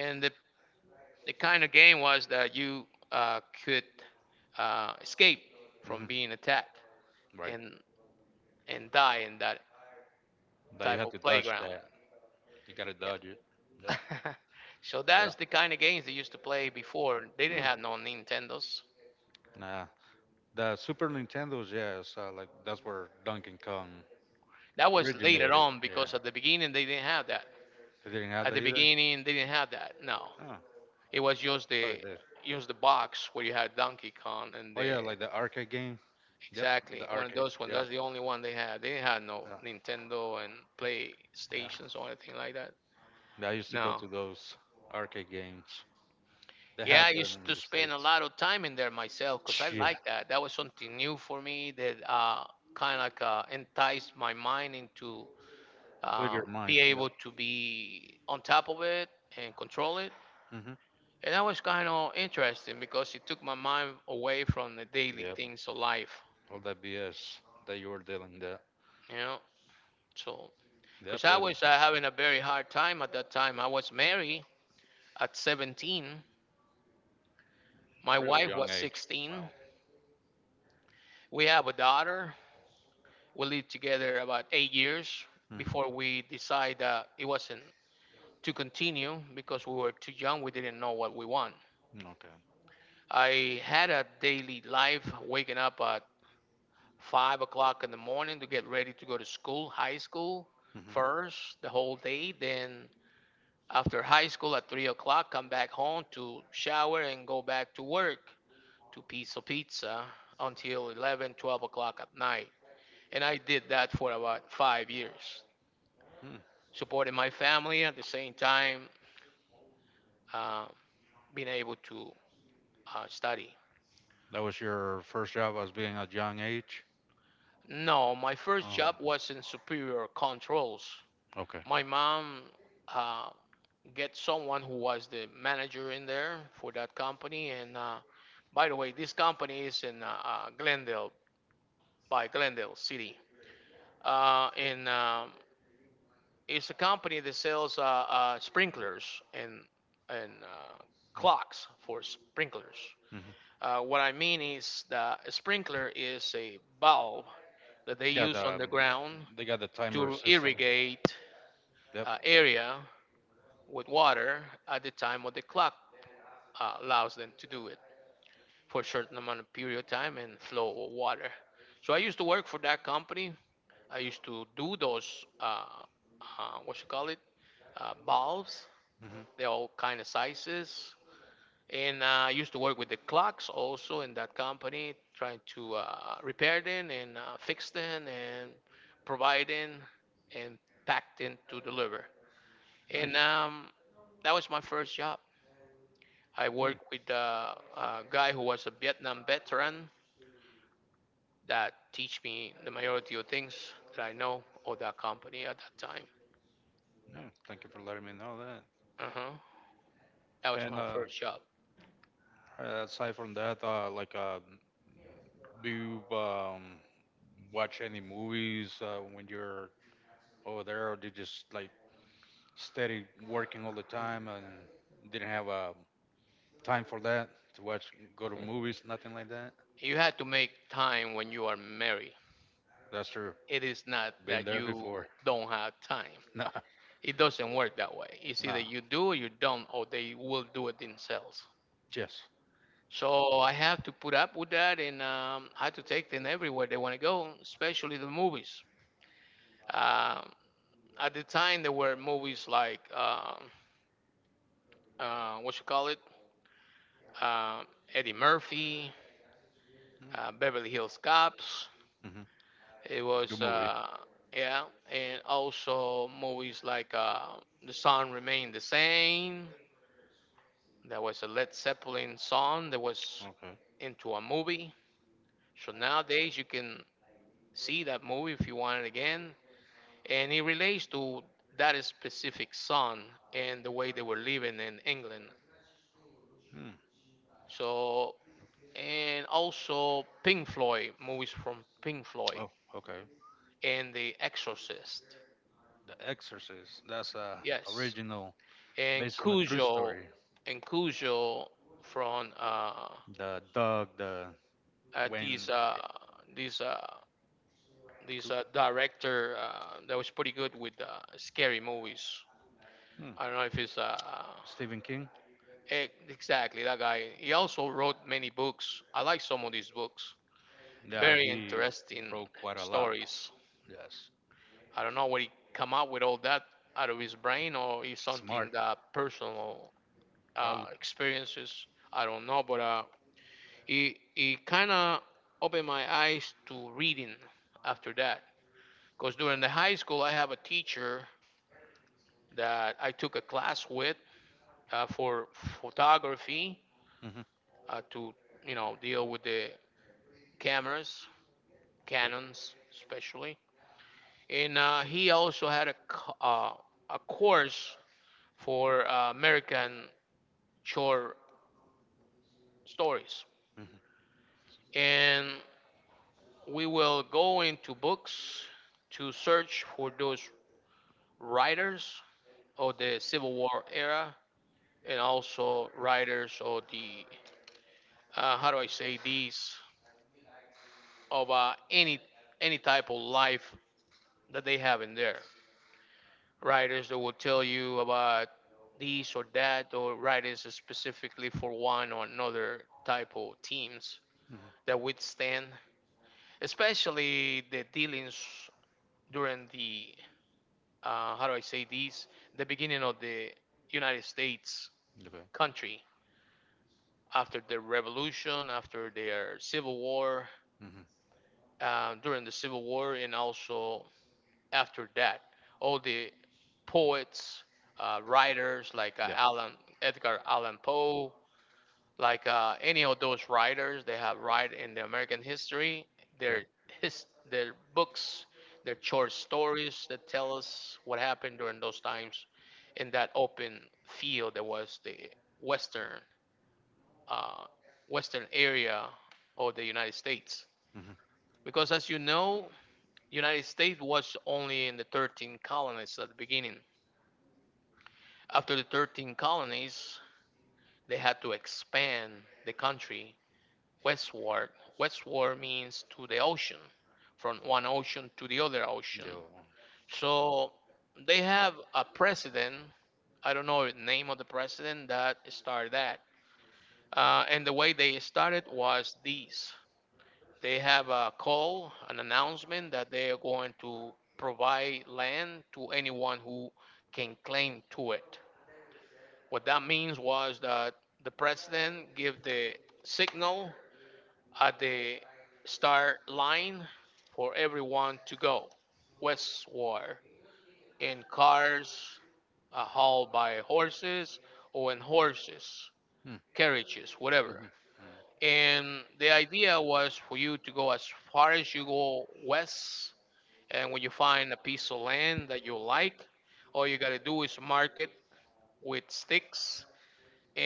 A: And the kind of game was that you could escape
B: (laughs)
A: from
B: hmm,
A: being attacked
B: right.
A: and and die in that
B: That you
A: type
B: have
A: of
B: to dodge
A: playground.
B: that. You gotta dodge it.
A: Yeah.
B: Yeah,
A: (laughs) so
B: yeah.
A: that's the kind of games they used to play before. They didn't
B: Mm.
A: have no Nintendos.
B: Nah, the Super Nintendo's. Yeah, it's like that's where Donkey Kong
A: That was later
B: originated.
A: on
B: Yeah,
A: because at the beginning they didn't have that.
B: they didn't have
A: At
B: that
A: the
B: either.
A: beginning they didn't have that. No,
B: Oh, I
A: it was just
B: thought
A: the
B: it did.
A: just the box where you had Donkey Kong and
B: Oh
A: the
B: yeah, like the arcade game. Yep,
A: exactly
B: the
A: one of
B: arcade.
A: those ones.
B: Yeah,
A: That's the only one they had. They didn't have no
B: yeah,
A: Nintendo and
B: yeah.
A: PlayStations or anything like that.
B: I used to go
A: No.
B: to those arcade games. They
A: Yeah,
B: had
A: I
B: them
A: used
B: in
A: to
B: the
A: spend a
B: States.
A: lot of time in there myself because I
B: Yeah.
A: liked that. That was something new for me that kind of like enticed my mind into
B: Clear your mind.
A: be
B: Yep.
A: able to be on top of it and control it,
B: Hmm.
A: and that was kind of interesting because it took my mind away from the daily
B: Yep.
A: things of life,
B: All that BS that you were dealing that.
A: you know. So,
B: Yep,
A: because I
B: at a
A: was having a very hard time at that time. I was married at 17. My
B: real
A: wife
B: young
A: was
B: age. Wow.
A: 16. We have a daughter. We lived together about 8 years before
B: Hmm.
A: we decided that it wasn't to continue because we were too young. We didn't know what we want.
B: Okay.
A: I had a daily life, waking up at 5 o'clock in the morning to get ready to go to school, high school first, the whole day. Then after high school at 3 o'clock, come back home to shower and go back to work to piece of pizza until 11, 12 o'clock at night. And I did that for about 5 years,
B: Hmm.
A: supporting my family at the same time, uh, being able to study.
B: That was your first job as being a young age?
A: No, my first
B: Oh,
A: job was in Superior Controls.
B: okay.
A: My mom uh, get someone who was the manager in there for that company. And by the way, this company is in Glendale, by Glendale City. And it's a company that sells sprinklers and, and clocks for sprinklers.
B: Mm-hmm.
A: What I mean is that a sprinkler is a valve that they
B: Yeah,
A: use
B: the,
A: on the ground
B: they got the timer
A: to
B: system.
A: irrigate
B: Yep.
A: area with water at the time what the clock allows them to do it for a certain amount of period of time and flow of water. So I used to work for that company. I used to do those, what you call it, valves. They're
B: Hmm.
A: all kind of sizes. And I used to work with the clocks also in that company, trying to repair them and fix them and provide them and pack them to deliver.
B: Nice.
A: And that was my first job. I
B: Mm,
A: worked with a guy who was a Vietnam veteran that teach me the majority of things that I know of that company at that time.
B: yeah, thank you for letting me know that.
A: Uh-huh. That was
B: And
A: my first job.
B: aside from that, like, do you watch any movies when you're over there, or did you just like steady working all the time and didn't have time for that to watch, go to movies, nothing like that?
A: You had to make time when you are married.
B: That's true.
A: It is not
B: Been
A: that
B: there
A: you
B: before. (laughs)
A: don't have time.
B: Nah,
A: It doesn't work that way. It's either
B: nah.
A: you do or you don't, or they will do it themselves.
B: Yes.
A: So I have to put up with that, and I had to take them everywhere they want to go, especially the movies. Um, at the time, there were movies like, what you call it? Um, Eddie Murphy, Beverly Hills Cops.
B: Mm-hmm.
A: It
B: Good
A: was,
B: movie.
A: yeah, and also movies like The Sun Remained the Same. There was a Led Zeppelin song that was
B: Okay.
A: into a movie. So nowadays you can see that movie if you want it again. And it relates to that specific song and the way they were living in England.
B: Hmm.
A: So, and also Pink Floyd, movies from Pink Floyd,
B: Oh, okay.
A: and The Exorcist.
B: The Exorcist. That's
A: Yes,
B: original,
A: and
B: based on a true
A: Cujo,
B: story.
A: and Cujo from
B: The dog, the
A: uh
B: when
A: these uh these uh these director that was pretty good with scary movies.
B: hmm,
A: I don't know if it's
B: Stephen King.
A: exactly that guy. He also wrote many books. I like some of these books.
B: Yeah,
A: Very
B: he
A: interesting
B: wrote quite a lot.
A: stories.
B: Yes.
A: I don't know what he come up with all that out of his brain or is
B: Smart,
A: something that personal
B: probably.
A: experiences. I don't know, but it kind of opened my eyes to reading after that. Because during the high school, I have a teacher that I took a class with for photography
B: Mm-hmm.
A: to deal with the cameras,
B: Good.
A: canons especially, and he also had a a course for American short stories,
B: Mm-hmm.
A: and we will go into books to search for those writers of the Civil War era and also writers of the how do I say, these of any type of life that they have in there. Writers that will tell you about this or that, or writers specifically for one or another type of teams that withstand, especially the dealings during the how do I say this? The beginning of the United States
B: Mm-hmm. Okay.
A: country after the revolution, after their civil war,
B: Mm-hmm.
A: during the civil war, and also after that, all the poets, writers like
B: Yeah.
A: Alan Edgar Allan Poe, like any of those writers they have write in the American history,
B: Okay.
A: their his their books, their short stories that tell us what happened during those times in that open field that was the western uh, western area of the United States.
B: Mm-hmm.
A: Because as you know, United States was only in the 13 colonies at the beginning. After the 13 colonies, they had to expand the country westward. Westward means to the ocean, from one ocean to the other
B: Yeah.
A: ocean. So they have a president. I don't know the name of the president that started that. And the way they started was this: they have a call, an announcement that they are going to provide land to anyone who can claim to it. What that means was that the president gave the signal at the start line for everyone to go westward in cars hauled by horses or in horses,
B: Mm-hmm.
A: carriages, whatever.
B: Mm-hmm.
A: And the idea was for you to go as far as you go west, and when you find a piece of land that you like, all you gotta do is mark it with sticks,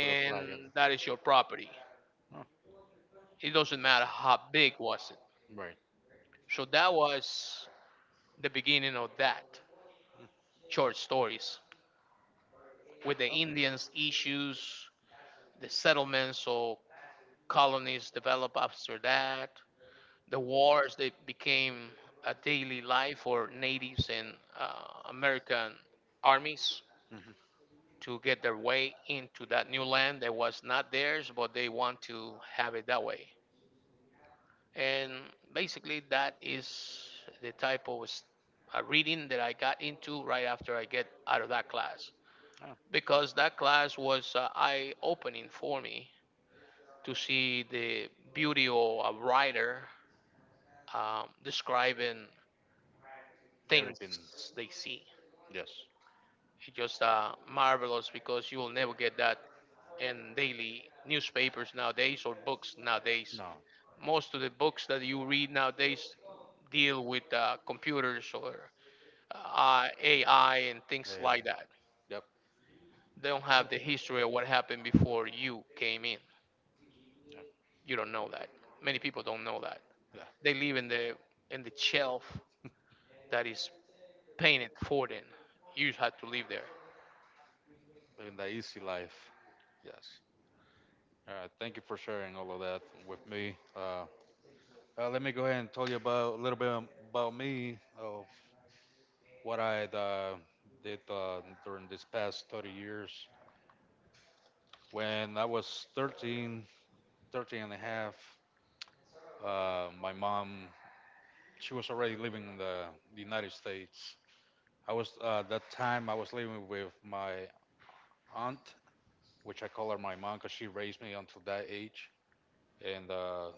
B: Put a flag in.
A: that is your property.
B: Oh,
A: It doesn't matter how big was it.
B: right.
A: So that was the beginning of that short stories with the
B: Oh.
A: Indians issues, the settlements or colonies developed after that, the wars that became a daily life for natives and American armies
B: Mm-hmm.
A: to get their way into that new land that was not theirs, but they want to have it that way. And basically, that is the type of reading that I got into right after I get out of that class.
B: Oh.
A: Because that class was eye opening for me to see the beauty of a writer describing things
B: Everything.
A: they see.
B: Yes.
A: It's just marvelous because you will never get that in daily newspapers nowadays or books nowadays.
B: No.
A: Most of the books that you read nowadays deal with computers or AI and
B: Yeah.
A: things
B: Yeah.
A: like that.
B: Yep.
A: They don't have the history of what happened before you came in. You don't know that. Many people don't know that.
B: Yeah.
A: They live in the shelf that is painted for them. You just had to live there.
B: Living the easy life. Yes. All right. Thank you for sharing all of that with me. Let me go ahead and tell you about a little bit about me of what I did during these past 30 years. When I was 13, 13 and a half. My mom, she was already living in the United States. I was, that time, I was living with my aunt, which I call her my mom because she raised me until that age. And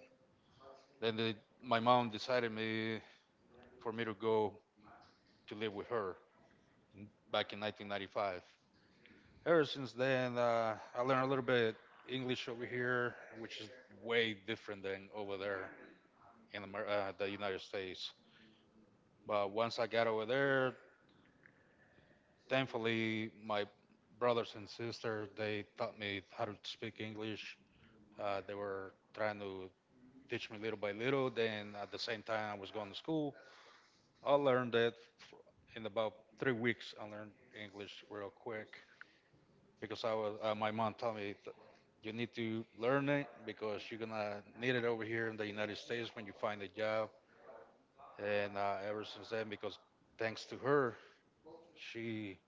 B: then my mom decided me to go to live with her back in 1995. Ever since then, I learned a little bit English over here, which is way different than over there in the United States. But once I got over there, thankfully, my brothers and sisters they taught me how to speak English. They were trying to teach me little by little. Then at the same time, I was going to school. I learned f- in about 3 weeks. I learned English real quick because I was. My mom told me you need to learn it because you're gonna need it over here in the United States when you find a job. And ever since then, because thanks to her, she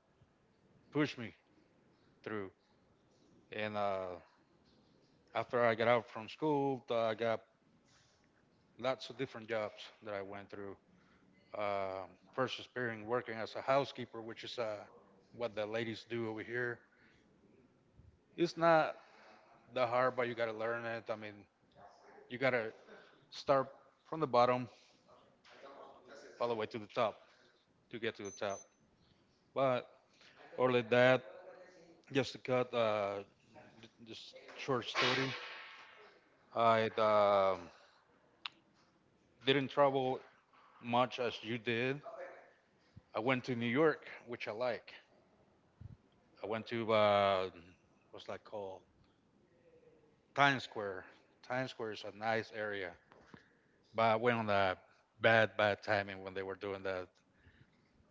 B: pushed me through. And after I got out from school, I got lots of different jobs that I went through. Um, first experience working as a housekeeper, which is what the ladies do over here. It's not that hard, but you gotta learn it. I mean, you gotta start from the bottom all the way to the top to get to the top. But other than that, just to cut just short story, I didn't travel much as you did. I went to New York, which I like. I went to what's that called? Times Square. Times Square is a nice area, but I went on the bad, bad timing when they were doing the,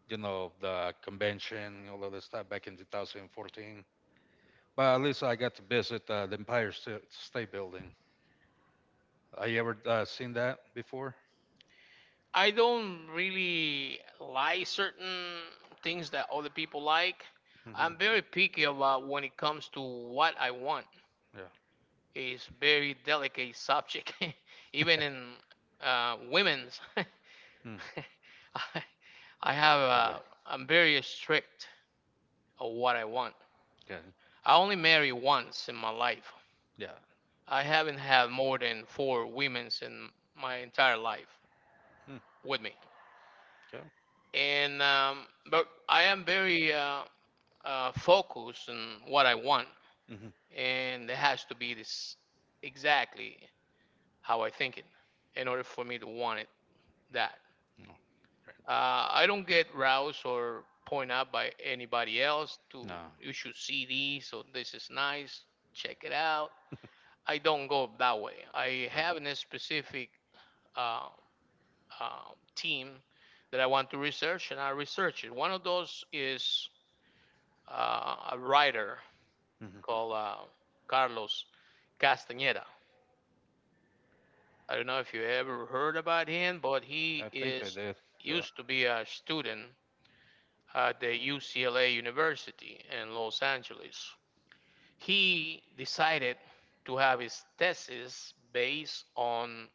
B: you know, the convention, all of this stuff back in 2014. But at least I got to visit the State Building. Have you ever seen that before?
A: I don't really like certain things that other people like.
B: Hmm.
A: I'm very picky about when it comes to what I want.
B: Yeah.
A: It's very delicate subject, (laughs) even in women's. (laughs)
B: Mm.
A: I have
B: Okay.
A: a, I'm very strict of what I want.
B: Good.
A: I only marry once in my life.
B: Yeah.
A: I haven't had more than four women's in my entire life
B: Mm.
A: with me,
B: Okay.
A: and but I am very focused on what I want,
B: Hmm. So, mm-hmm.
A: and it has to be this exactly how I think it in order for me to want it that.
B: No. Right.
A: I don't get roused or point out by anybody else to
B: No.
A: you should see these, so this is nice, check it out. I don't go that way. I
B: Right.
A: have a specific uh, team that I want to research, and I research it. One of those is a writer
B: Hmm.
A: called Carlos Castaneda. I don't know if you ever heard about him, but he
B: I think I
A: is
B: did. Yeah.
A: used to be a student at the UCLA University in Los Angeles. He decided to have his thesis based on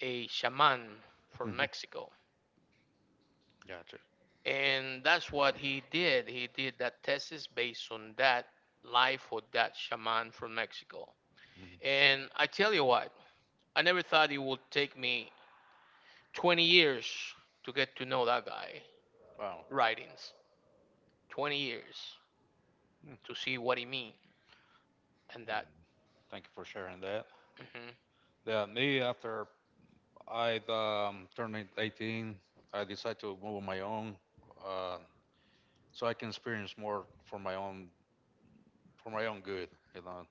A: a shaman from
B: Hmm.
A: Mexico,
B: Gotcha.
A: and that's what he did. He did that thesis based on that life of that shaman from Mexico.
B: Hmm.
A: And I tell you what, I never thought it would take me 20 years to get to know that guy
B: Wow.
A: writings. 20 years to see what he mean and
B: Uh,
A: that.
B: thank you for sharing that.
A: Hmm.
B: Yeah, me after I turned 18, I decided to move on my own, uh, so I can experience more for my own good. You know,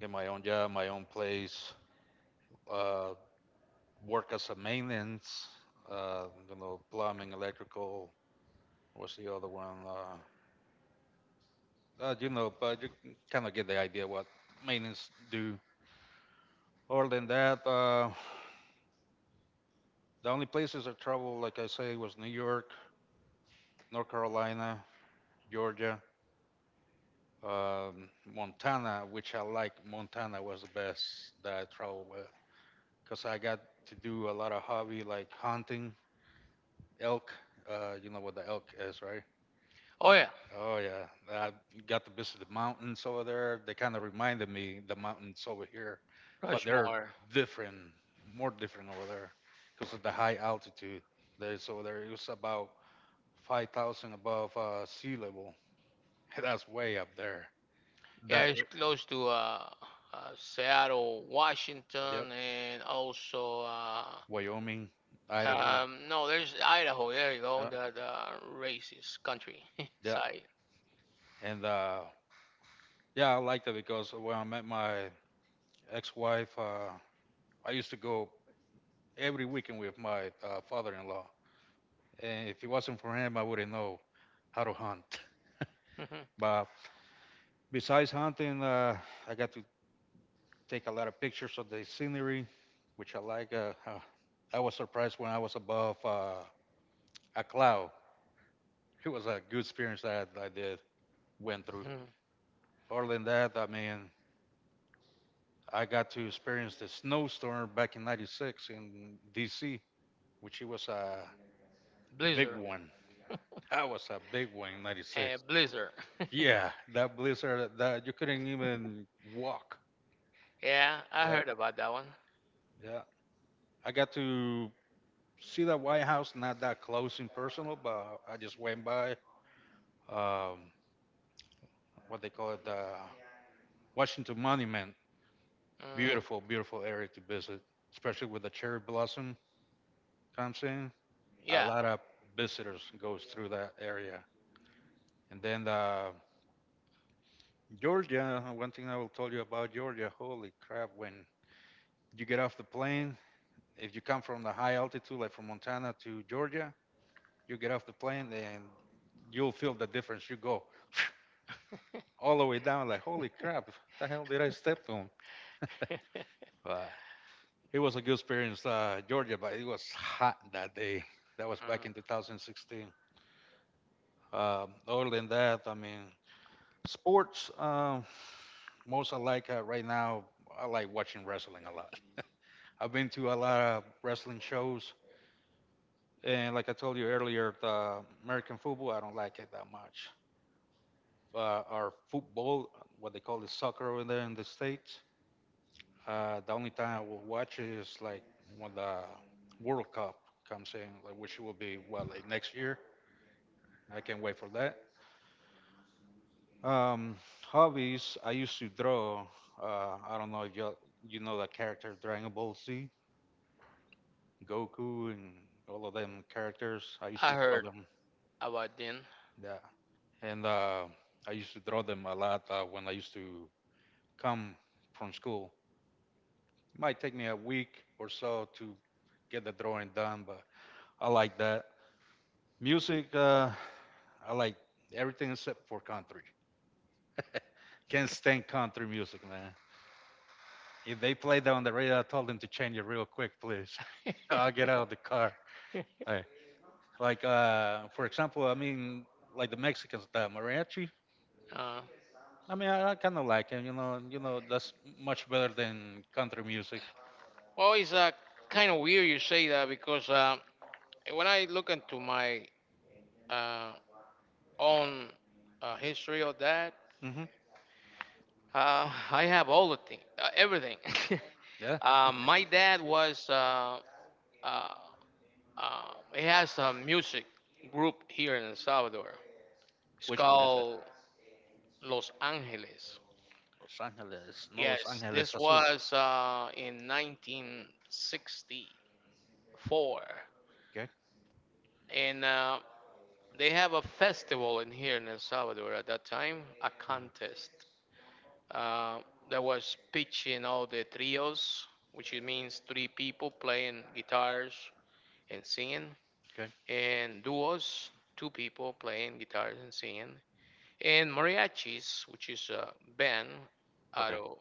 B: get my own job, my own place, uh, work as a maintenance. You know, plumbing, electrical. What's the other one? You know, but you kind of get the idea what maintenance do. Other than that, the only places I traveled, like I say, was New York, North Carolina, Georgia, um, Montana, which I like. Montana was the best that I traveled with because I got to do a lot of hobby like hunting elk. You know what the elk is, right?
A: Oh yeah,
B: Oh yeah, I got to visit the mountains over there. They kind of reminded me the mountains over here, but they're
A: Rushmore.
B: different, more different over there because of the high altitude that is over there. It was about 5,000 above sea level. (laughs) That's way up there.
A: Yeah,
B: That,
A: it's close to Seattle, Washington, and also
B: Wyoming, Idaho.
A: No, there's Idaho. There you go.
B: Yeah,
A: The racist country (laughs)
B: yeah,
A: side.
B: and yeah, I liked it because when I met my ex-wife, I used to go every weekend with my father-in-law, and if it wasn't for him, I wouldn't know how to hunt. (laughs)
A: (laughs)
B: But besides hunting, I got to take a lot of pictures of the scenery, which I like. I was surprised when I was above a cloud. It was a good experience that I did went through. Other than that, I mean, I got to experience the snowstorm back in '96 in DC, which it was a big
A: Blizzard.
B: one. That was a big one in '96.
A: Blizzard.
B: Yeah, that blizzard that you couldn't even walk.
A: (laughs) Yeah, I
B: Yeah,
A: heard about that one.
B: yeah. I got to see the White House not that close in personal, but I just went by um, what they call it the Washington Monument.
A: Mm,
B: Beautiful, beautiful area to visit, especially with the cherry blossom comes in. A
A: yeah,
B: lot of visitors goes through that area. And then Georgia, one thing I will tell you about Georgia, holy crap, when you get off the plane, if you come from the high altitude, like from Montana to Georgia, you get off the plane and you'll feel the difference. You go (laughs) all the way down, like, holy crap, what the hell did I step on?
A: (laughs) Mm,
B: But it was a good experience, Georgia, but it was hot that day. That was back in 2016. Other than that, I mean, sports, most I like right now, I like watching wrestling a lot. I've been to a lot of wrestling shows, and like I told you earlier, the American football I don't like it that much. Our football, what they call the soccer over there in the states, the only time I will watch it is like when the World Cup comes in, like, which will be well like next year. I can't wait for that. Um, hobbies, I used to draw. I don't know if you know that character Dragon Ball Z, Goku, and all of them characters. I used
A: I
B: to draw
A: heard
B: them.
A: about them.
B: Yeah, and I used to draw them a lot when I used to come from school. It might take me a week or so to get the drawing done, but I like that. Music, I like everything except for country. Can't stand country music, man. If they play that on the radio, I told them to change it real quick, please. (laughs) I'll
A: (laughs)
B: get out of the car. Like, for example, I mean, like the Mexicans, the mariachi.
A: uh,
B: I mean, I kind of like him. You know, that's much better than country music.
A: well, it's kind of weird you say that because when I look into my uh, own history of that,
B: Hmm.
A: I have all the thing, everything.
B: Yeah.
A: (laughs) My dad was uh, Uh, it has a music group here in El Salvador. It's
B: Which one is it?
A: called Los Angeles.
B: Los Angeles. No, Los
A: Yes,
B: Angeles
A: this
B: Azul.
A: was in 1964.
B: Okay.
A: And they have a festival in here in El Salvador at that time, a
B: Mhm.
A: contest uh, that was pitching all the trios, which it means three people playing guitars and singing,
B: Okay.
A: and duos, two people playing guitars and singing, and mariachis, which is a band out
B: Okay.
A: of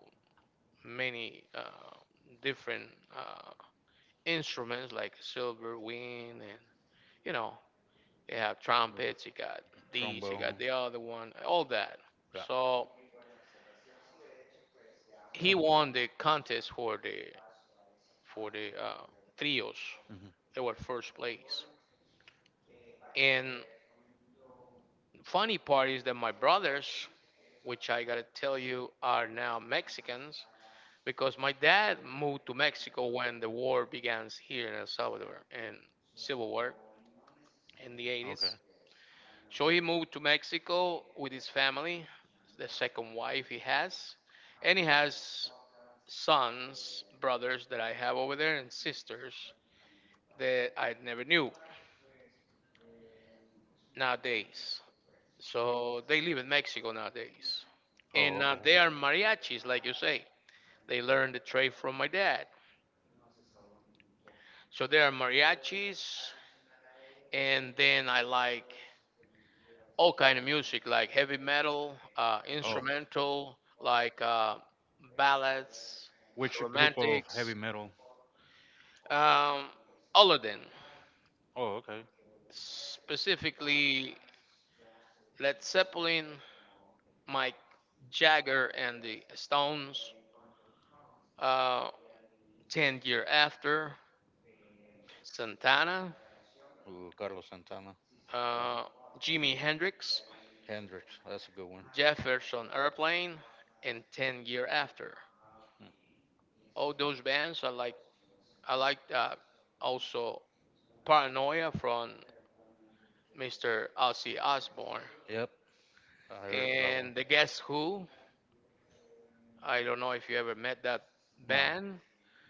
A: many different uh, instruments like silver, wind, and you know, they have
B: The
A: trumpets, you got these, you got
B: trombone.
A: the other one, all that.
B: Yeah.
A: So he
B: Yeah.
A: won the contest for the for the uh, trios.
B: Hmm.
A: They were first place. And funny part is that my brothers, which I gotta tell you, are now Mexicans because my dad moved to Mexico when the war began here in El Salvador and Civil War in the 80s.
B: Okay.
A: So he moved to Mexico with his family, the second wife he has, and he has sons, brothers that I have over there, and sisters that I never knew nowadays. So they live in Mexico nowadays.
B: Oh,
A: And
B: okay.
A: they are mariachis, like you say. They learned the trade from my dad. So they are mariachis, and then I like all kind of music, like heavy metal,
B: Oh,
A: instrumental, like ballads,
B: which group of heavy
A: romantics,
B: metal?
A: um, all of them.
B: Oh, okay.
A: Specifically, Led Zeppelin, Mike Jagger and the Stones, uh, Ten Year After, Santana,
B: Ooh, Carlos Santana. Yeah.
A: uh, Jimi Hendrix,
B: Hendrix. That's a good one.
A: Jefferson Airplane, and Ten Year After.
B: Mm.
A: All those bands I like, I like that also Paranoia from Mr. Ozzy Osbourne.
B: Yep. I heard that one.
A: And The Guess Who, I don't know if you ever met that
B: No,
A: band,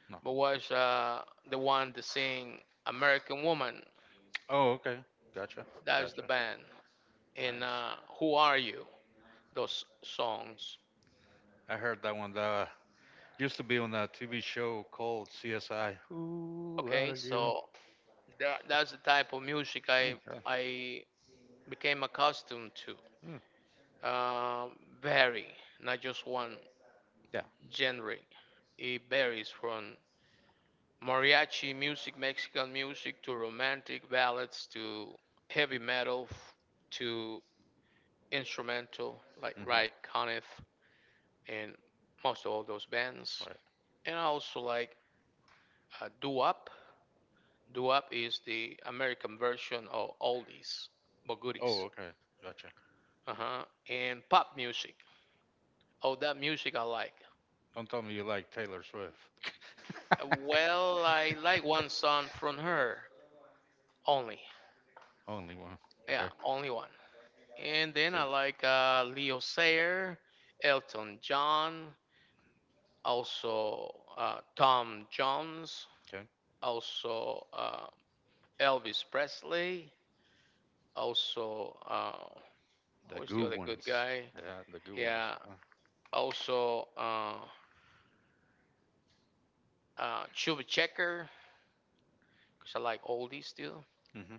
B: no.
A: but was the one to sing American Woman.
B: Oh, okay. Gotcha.
A: That's the
B: Gotcha.
A: band. And
B: Nice.
A: Who Are You? Those songs.
B: I heard that one. That used to be on a TV show called CSI. Who
A: Okay,
B: are you?
A: so that's the type of music
B: Mm, yeah.
A: I became accustomed to. Uh, Vary, not just one
B: Yeah.
A: genre. It varies from mariachi music, Mexican music, to romantic ballads, to heavy metal, to instrumental like
B: Hmm.
A: Ray Conniff and most of all those bands.
B: Right.
A: And I also like doo-wop. Doo-wop is the American version of oldies, but
B: Oh,
A: goodies.
B: okay. Gotcha.
A: Uh-huh. And pop music. Oh, that music I like.
B: Don't tell me you like Taylor Swift. (laughs)
A: Well, I like one song from her only.
B: Only one.
A: Yeah,
B: Okay.
A: only one. And then
B: See.
A: I like Leo Sayer, Elton John, also Tom Jones,
B: Okay.
A: also Elvis Presley, also
B: The
A: who is
B: good
A: the other good
B: ones.
A: guy?
B: Yeah, the good ones.
A: Yeah, also Chuba Checker, because I like oldies too.
B: Hmm.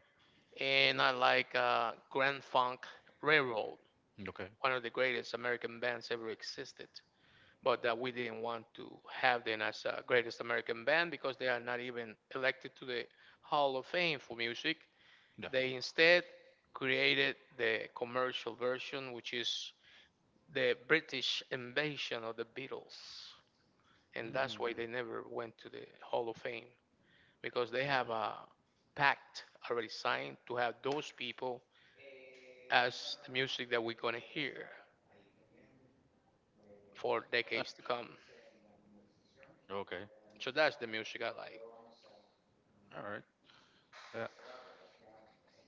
A: And I like Grand Funk Railroad,
B: Okay.
A: one of the greatest American bands ever existed, but that we didn't want to have them as a greatest American band because they are not even elected to the Hall of Fame for music.
B: Yeah.
A: They instead created the commercial version, which is the British invasion of the Beatles. And that's why
B: Mm.
A: they never went to the Hall of Fame because they have
B: Because-
A: a pact already signed to have those people as the music that we're going to hear for decades to come.
B: (laughs) Okay.
A: So that's the music I like.
B: All right. Yeah.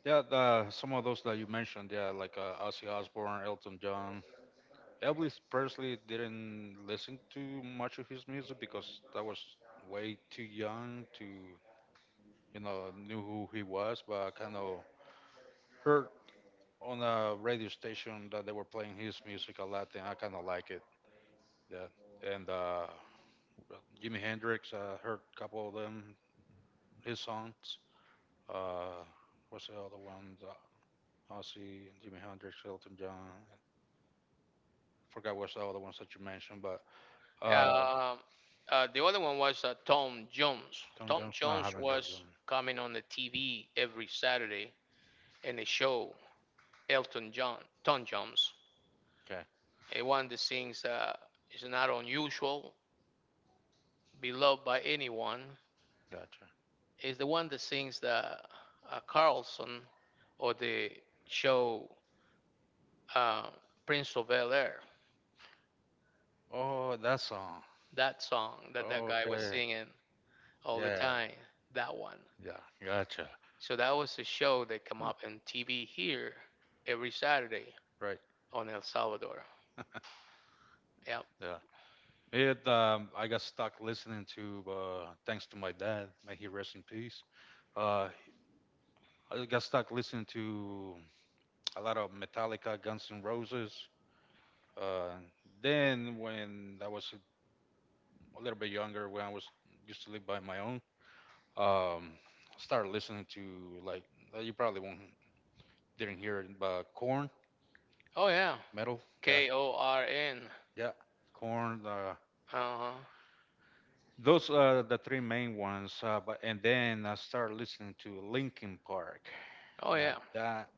B: Yeah. The, some of those that you mentioned. Yeah, like Ozzy Osbourne, Elton John. Elvis Presley didn't listen to much of his music because I was way too young to, you know, knew who he was. But I kind of heard on a radio station that they were playing his music a lot, and I kind of like it. Yeah. And Jimi Hendrix, I heard a couple of them, his songs. Uh, what's the other ones? Ozzy, Jimi Hendrix, Elton John. Forgot what's the other ones that you mentioned, but uh,
A: Uh, the other one was Tom Jones.
B: Tom
A: Tom
B: Jones, no, I
A: Jones
B: haven't heard
A: was
B: them.
A: coming on the TV every Saturday in a show, Elton John, Tom Jones.
B: Okay,
A: And one that sings is not unusual, beloved by anyone,
B: gotcha.
A: is the one that sings the Carlson or the show uh, Prince of Bel Air.
B: Oh, that song.
A: That song that that guy was
B: Okay.
A: singing all the
B: Yeah.
A: time, that one.
B: Yeah. Gotcha.
A: So that was a show that come
B: Huh.
A: up on TV here every Saturday
B: Right.
A: on El Salvador. Yep.
B: Yeah. It. I got stuck listening to. Thanks to my dad. May he rest in peace. Uh. I got stuck listening to a lot of Metallica, Guns N' Roses. Uh. Then when I was a little bit younger, when I was used to live by my own, um, started listening to like you probably won't didn't hear it, but Corn
A: Oh yeah.
B: metal. Yeah.
A: KORN.
B: Yeah, corn.
A: Uh huh.
B: Those are the three main ones. But and then I started listening to Linkin Park.
A: Oh
B: Now
A: yeah.
B: that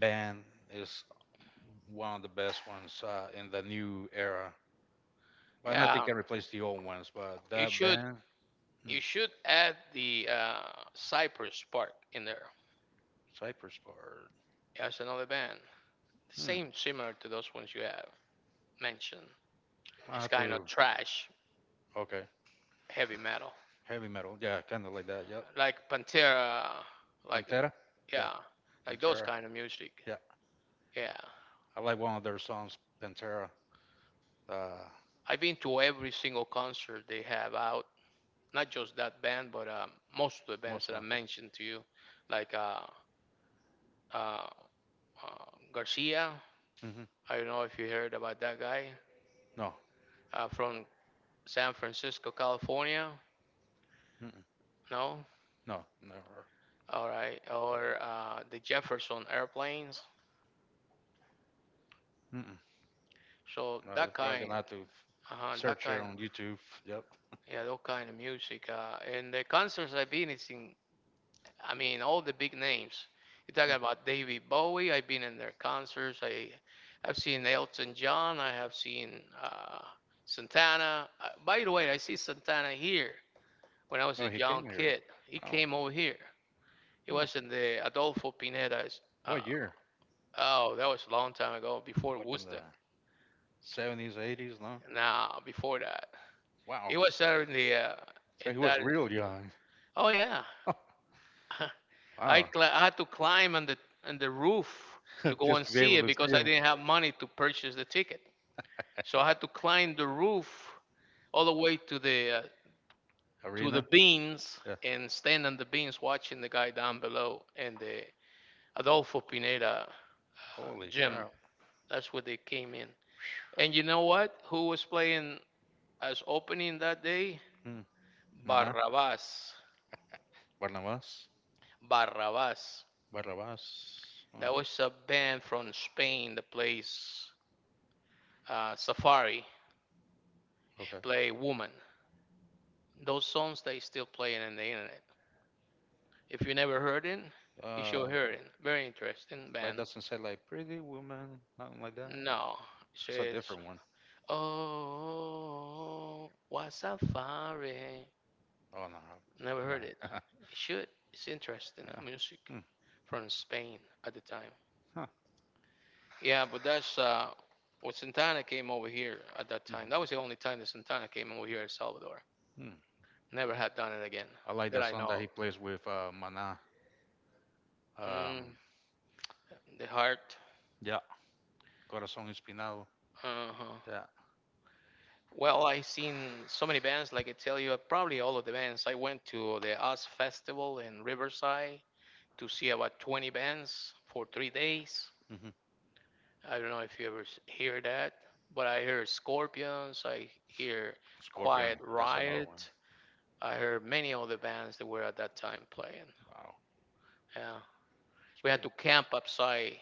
B: band is one of the best ones in the new era. But nothing
A: Yeah.
B: can replace the old ones. But
A: You
B: that
A: should
B: band, hmm,
A: you should add the Cypress Park in there.
B: Cypress Park.
A: That's another band.
B: Hmm,
A: Same similar to those ones you have mentioned.
B: I
A: It's
B: have
A: kind of
B: to.
A: trash
B: Okay,
A: heavy metal,
B: heavy metal. Yeah, kind of like that. Yep.
A: like Pantera, like
B: Pantera. Yeah,
A: yeah, like those
B: Pantera.
A: kind of music.
B: Yeah,
A: Yeah.
B: I like one of their songs, Pantera. Uh,
A: I've been to every single concert they have out. Not just that band, but most of the bands
B: most
A: that
B: of
A: I mentioned to you, like uh, uh, Garcia.
B: them. Hmm.
A: I don't know if you heard about that guy
B: No.
A: from San Francisco, California.
B: Mm-mm.
A: No,
B: No, never.
A: all right,
B: Yeah.
A: or the Jefferson Airplanes.
B: Mm-mm.
A: So
B: No, they're probably gonna have to
A: that
B: search it
A: kind,
B: on YouTube. Yep.
A: yeah, that kind of music. And the concerts I've been is in all the big names. You're
B: Hmm.
A: talking about David Bowie. I've been in their concerts. I have seen Elton John. I have seen Santana. By the way, I see Santana here when I was
B: Oh,
A: a
B: he came
A: young
B: here.
A: kid. He
B: Wow.
A: came over here. He
B: Huh.
A: was in the Adolfo Pineta's.
B: What year?
A: Oh, that was a long time ago, before
B: Like in
A: Worcester.
B: the 70s, eighties? No.
A: Nah, before that,
B: Wow.
A: he was there in the
B: So he
A: in
B: was
A: that.
B: real young.
A: Oh yeah,
B: (laughs)
A: (laughs)
B: Wow.
A: I had to climb on the roof to
B: (laughs)
A: go
B: Just
A: and
B: to be
A: see
B: able
A: it
B: to see
A: because I
B: him.
A: didn't have money to purchase the ticket. So I had to climb the roof all the way to the
B: Arena.
A: beams
B: Yeah.
A: and stand on the beams watching the guy down below and the Adolfo Pineda
B: Holy
A: gym.
B: crap.
A: That's where they came in. And you know what? Who was playing as opening that day?
B: Hmm. Maná.
A: Barrabas.
B: Barnabas.
A: Barrabas.
B: Barnabas. Huh.
A: That was a band from Spain that plays Safari
B: Okay.
A: and play Woman. Those songs they still playing in the internet. If you never heard it, you
B: Uh,
A: should hear it. Very interesting
B: But it
A: band.
B: doesn't say like pretty woman, nothing like that.
A: No,
B: That's a
A: she's
B: different one.
A: oh what's a fire?
B: Oh no,
A: Never heard it.
B: no. (laughs)
A: You should. It's interesting
B: Yeah.
A: music
B: Hmm.
A: from Spain at the time.
B: Huh.
A: Yeah, but that's when Santana came over here at that time. That
B: Mhm.
A: was the only time that Santana came over here in Salvador.
B: Hmm.
A: Never had done it again
B: I like
A: that
B: that
A: I
B: song that
A: know
B: he plays with Mana.
A: of. Mm,
B: Um,
A: the heart.
B: yeah, Corazón Espinado.
A: Uh huh.
B: Yeah,
A: Well, I seen so many bands, like I tell you, probably all of the bands. I went to the US Festival in Riverside to see about 20 bands for 3 days.
B: hmm
A: I don't know if you ever hear that, but I hear Scorpions, I hear Quiet
B: Scorpion. That's another one.
A: Riot, I heard many of the bands that were at that time playing.
B: Wow,
A: Yeah,
B: it's
A: we had
B: pretty.
A: to camp upside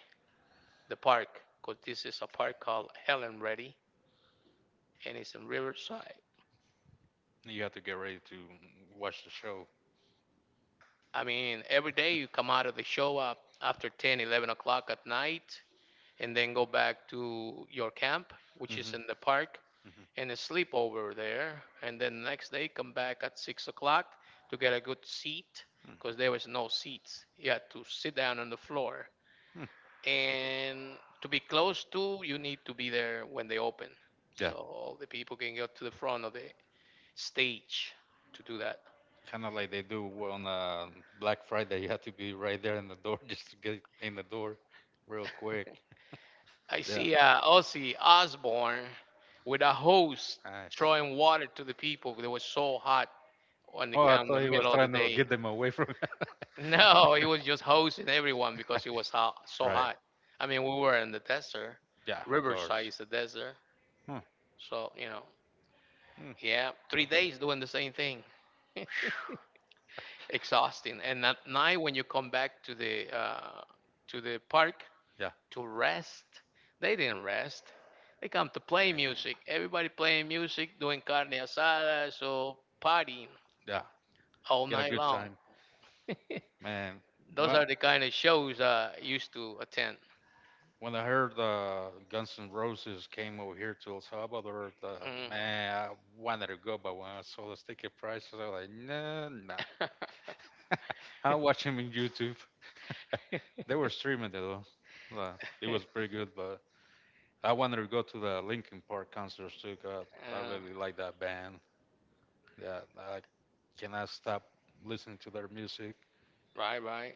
A: the park because this is a park called Helen Ready, and it's in Riverside.
B: You have to get ready to watch the show.
A: I mean, every day you come out of the show up after 10, 11 o'clock at night, and then go back to your camp, which is
B: Hmm
A: in the park, and
B: hmm
A: then sleep over there. And then next day, come back at 6 o'clock to get a good seat because there was no seats. You had to sit down on the floor.
B: hmm.
A: And to be close to, you need to be there when they open.
B: Yeah,
A: So all the people can get to the front of the stage to do that.
B: kind of like they do on Black Friday. (laughs) You have to be right there in the door (laughs) just to get in the door real
A: (laughs)
B: quick.
A: I
B: Yeah.
A: see Ozzy Osbourne with a hose
B: Nice.
A: throwing water to the people. They were so hot on
B: Oh, I
A: on the
B: thought he was
A: middle of the
B: trying to
A: day.
B: get
A: (laughs)
B: them away from. (laughs)
A: No, he was just hosing everyone because it was hot, so
B: Right.
A: hot. I mean, we were in the desert.
B: Yeah, of
A: Riverside
B: course.
A: is the desert.
B: Hmm.
A: So, you know,
B: Hmm.
A: yeah, 3 days
B: Interesting.
A: doing the same thing. (laughs) Exhausting. And at night when you come back to the park,
B: Yeah.
A: to rest. They didn't rest. They come to play music. Everybody playing music, doing carne asada, so partying
B: Yeah.
A: all
B: Get a
A: night
B: good
A: long.
B: time,
A: (laughs)
B: man.
A: Those
B: Well,
A: are the kind of shows I used to attend.
B: when I heard Guns N' Roses came over here to El Salvador,
A: Mm. (laughs)
B: man, I wanted to go, but when I saw the ticket prices, I was like, nah, nah. (laughs) I'm watching on YouTube. They were streaming it though. Uh, it was pretty good, but I wanted to go to the Linkin Park concerts too, 'cause I
A: Uh,
B: really like that band. Yeah, I cannot stop listening to their music
A: right, right.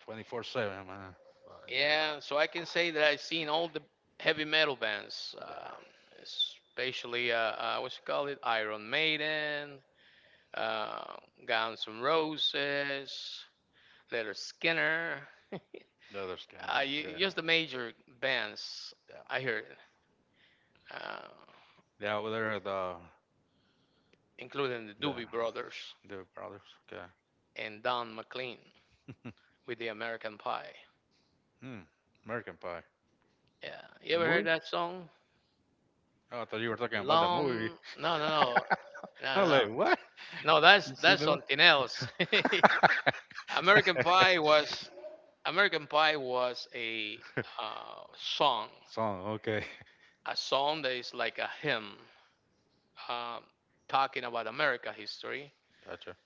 B: 24/7, man. Yeah,
A: Yeah, so I can say that I've seen all the heavy metal bands,
B: yeah.
A: especially what's it called? It Iron Maiden, uh, Guns N' Roses, Leonard Skinner. (laughs)
B: The others can.
A: You,
B: Yeah,
A: just the major bands
B: yeah.
A: I heard, uh,
B: Yeah, well, they're the
A: including the
B: The
A: Doobie Brothers
B: the brothers. Okay.
A: and Don McLean with the American Pie.
B: Hmm. American Pie.
A: Yeah, you
B: The
A: ever heard
B: movie?
A: that song?
B: Oh, I thought you were talking about the movie.
A: Long? No, no, no,
B: (laughs)
A: no,
B: I'm
A: no.
B: like,
A: No,
B: what?
A: No,
B: You see
A: that's
B: the
A: something else. (laughs)
B: (laughs)
A: American Pie was American Pie was a uh, song,
B: song? Okay.
A: a song that is like a hymn, um, talking about America history
B: Gotcha.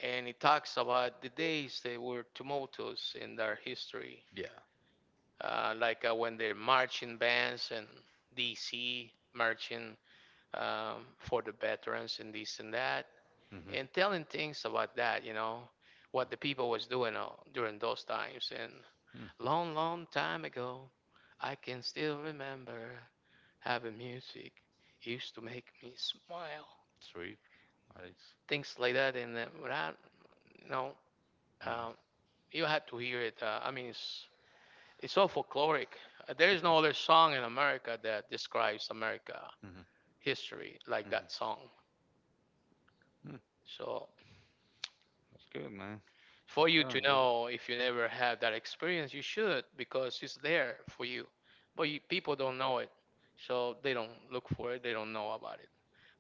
A: and it talks about the days they were tumultuous in their history,
B: Yeah.
A: when the marching bands and DC marching for the veterans and this and that,
B: Mm-hmm.
A: and telling things about that, you know, what the people was
B: Hmm.
A: doing during those times. And
B: Mm.
A: long, long time ago, I can still remember having music used to make me smile,
B: Sweet. Nice.
A: things like that. And when I, you know,
B: Mm-hmm.
A: um, you had to hear it. I mean, It's so folkloric. There is no other song in America that describes America history like
B: Mm-hmm.
A: that song.
B: Mm.
A: So
B: That's good, man.
A: for you
B: Yeah.
A: to know if you never had that experience, you should because it's there for you. But you, people don't know it, so they don't look for it. They don't know about it.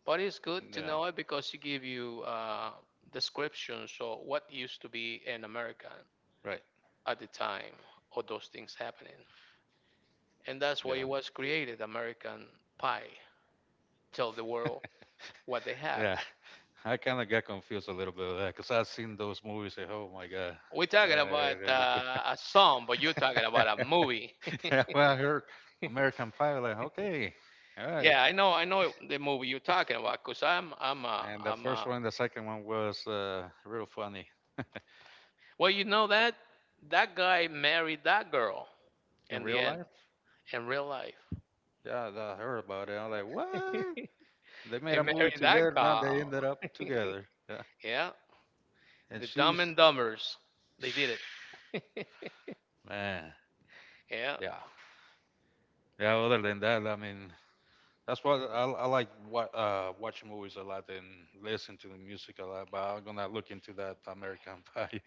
A: But it's
B: Yeah.
A: good to
B: Yeah.
A: know it because it give you descriptions of what used to be an American
B: Right.
A: at the time or those things happening. And that's why
B: Yeah.
A: it was created, American Pie. Tell the world what they have.
B: Yeah, (laughs) I kind of got confused a little bit with that because I've seen those movies. And, oh my god!
A: We're talking about
B: Uh,
A: a song, but you're talking about a movie. (laughs)
B: (laughs) when I heard American Pie, like okay, all right.
A: Yeah, I know the movie you're talking about, cause
B: And the
A: I'm
B: first
A: a.
B: one, the second one was real funny
A: Well, you know that guy married that girl
B: in
A: in the
B: real
A: end,
B: life.
A: in real life,
B: Yeah, I heard about it. I'm like, what?
A: (laughs)
B: They made a
A: and
B: movie
A: married that
B: together. Now they
A: girl.
B: ended up
A: (laughs)
B: together. Yeah,
A: Yeah,
B: and
A: the
B: she's
A: Dumb and Dumbers, they did it.
B: (sighs) man.
A: (laughs) Yeah.
B: Yeah, yeah. Other than that, I mean, that's why I like wa watching movies a lot and listen to the music a lot. But I'm gonna look into that American (laughs) Pie,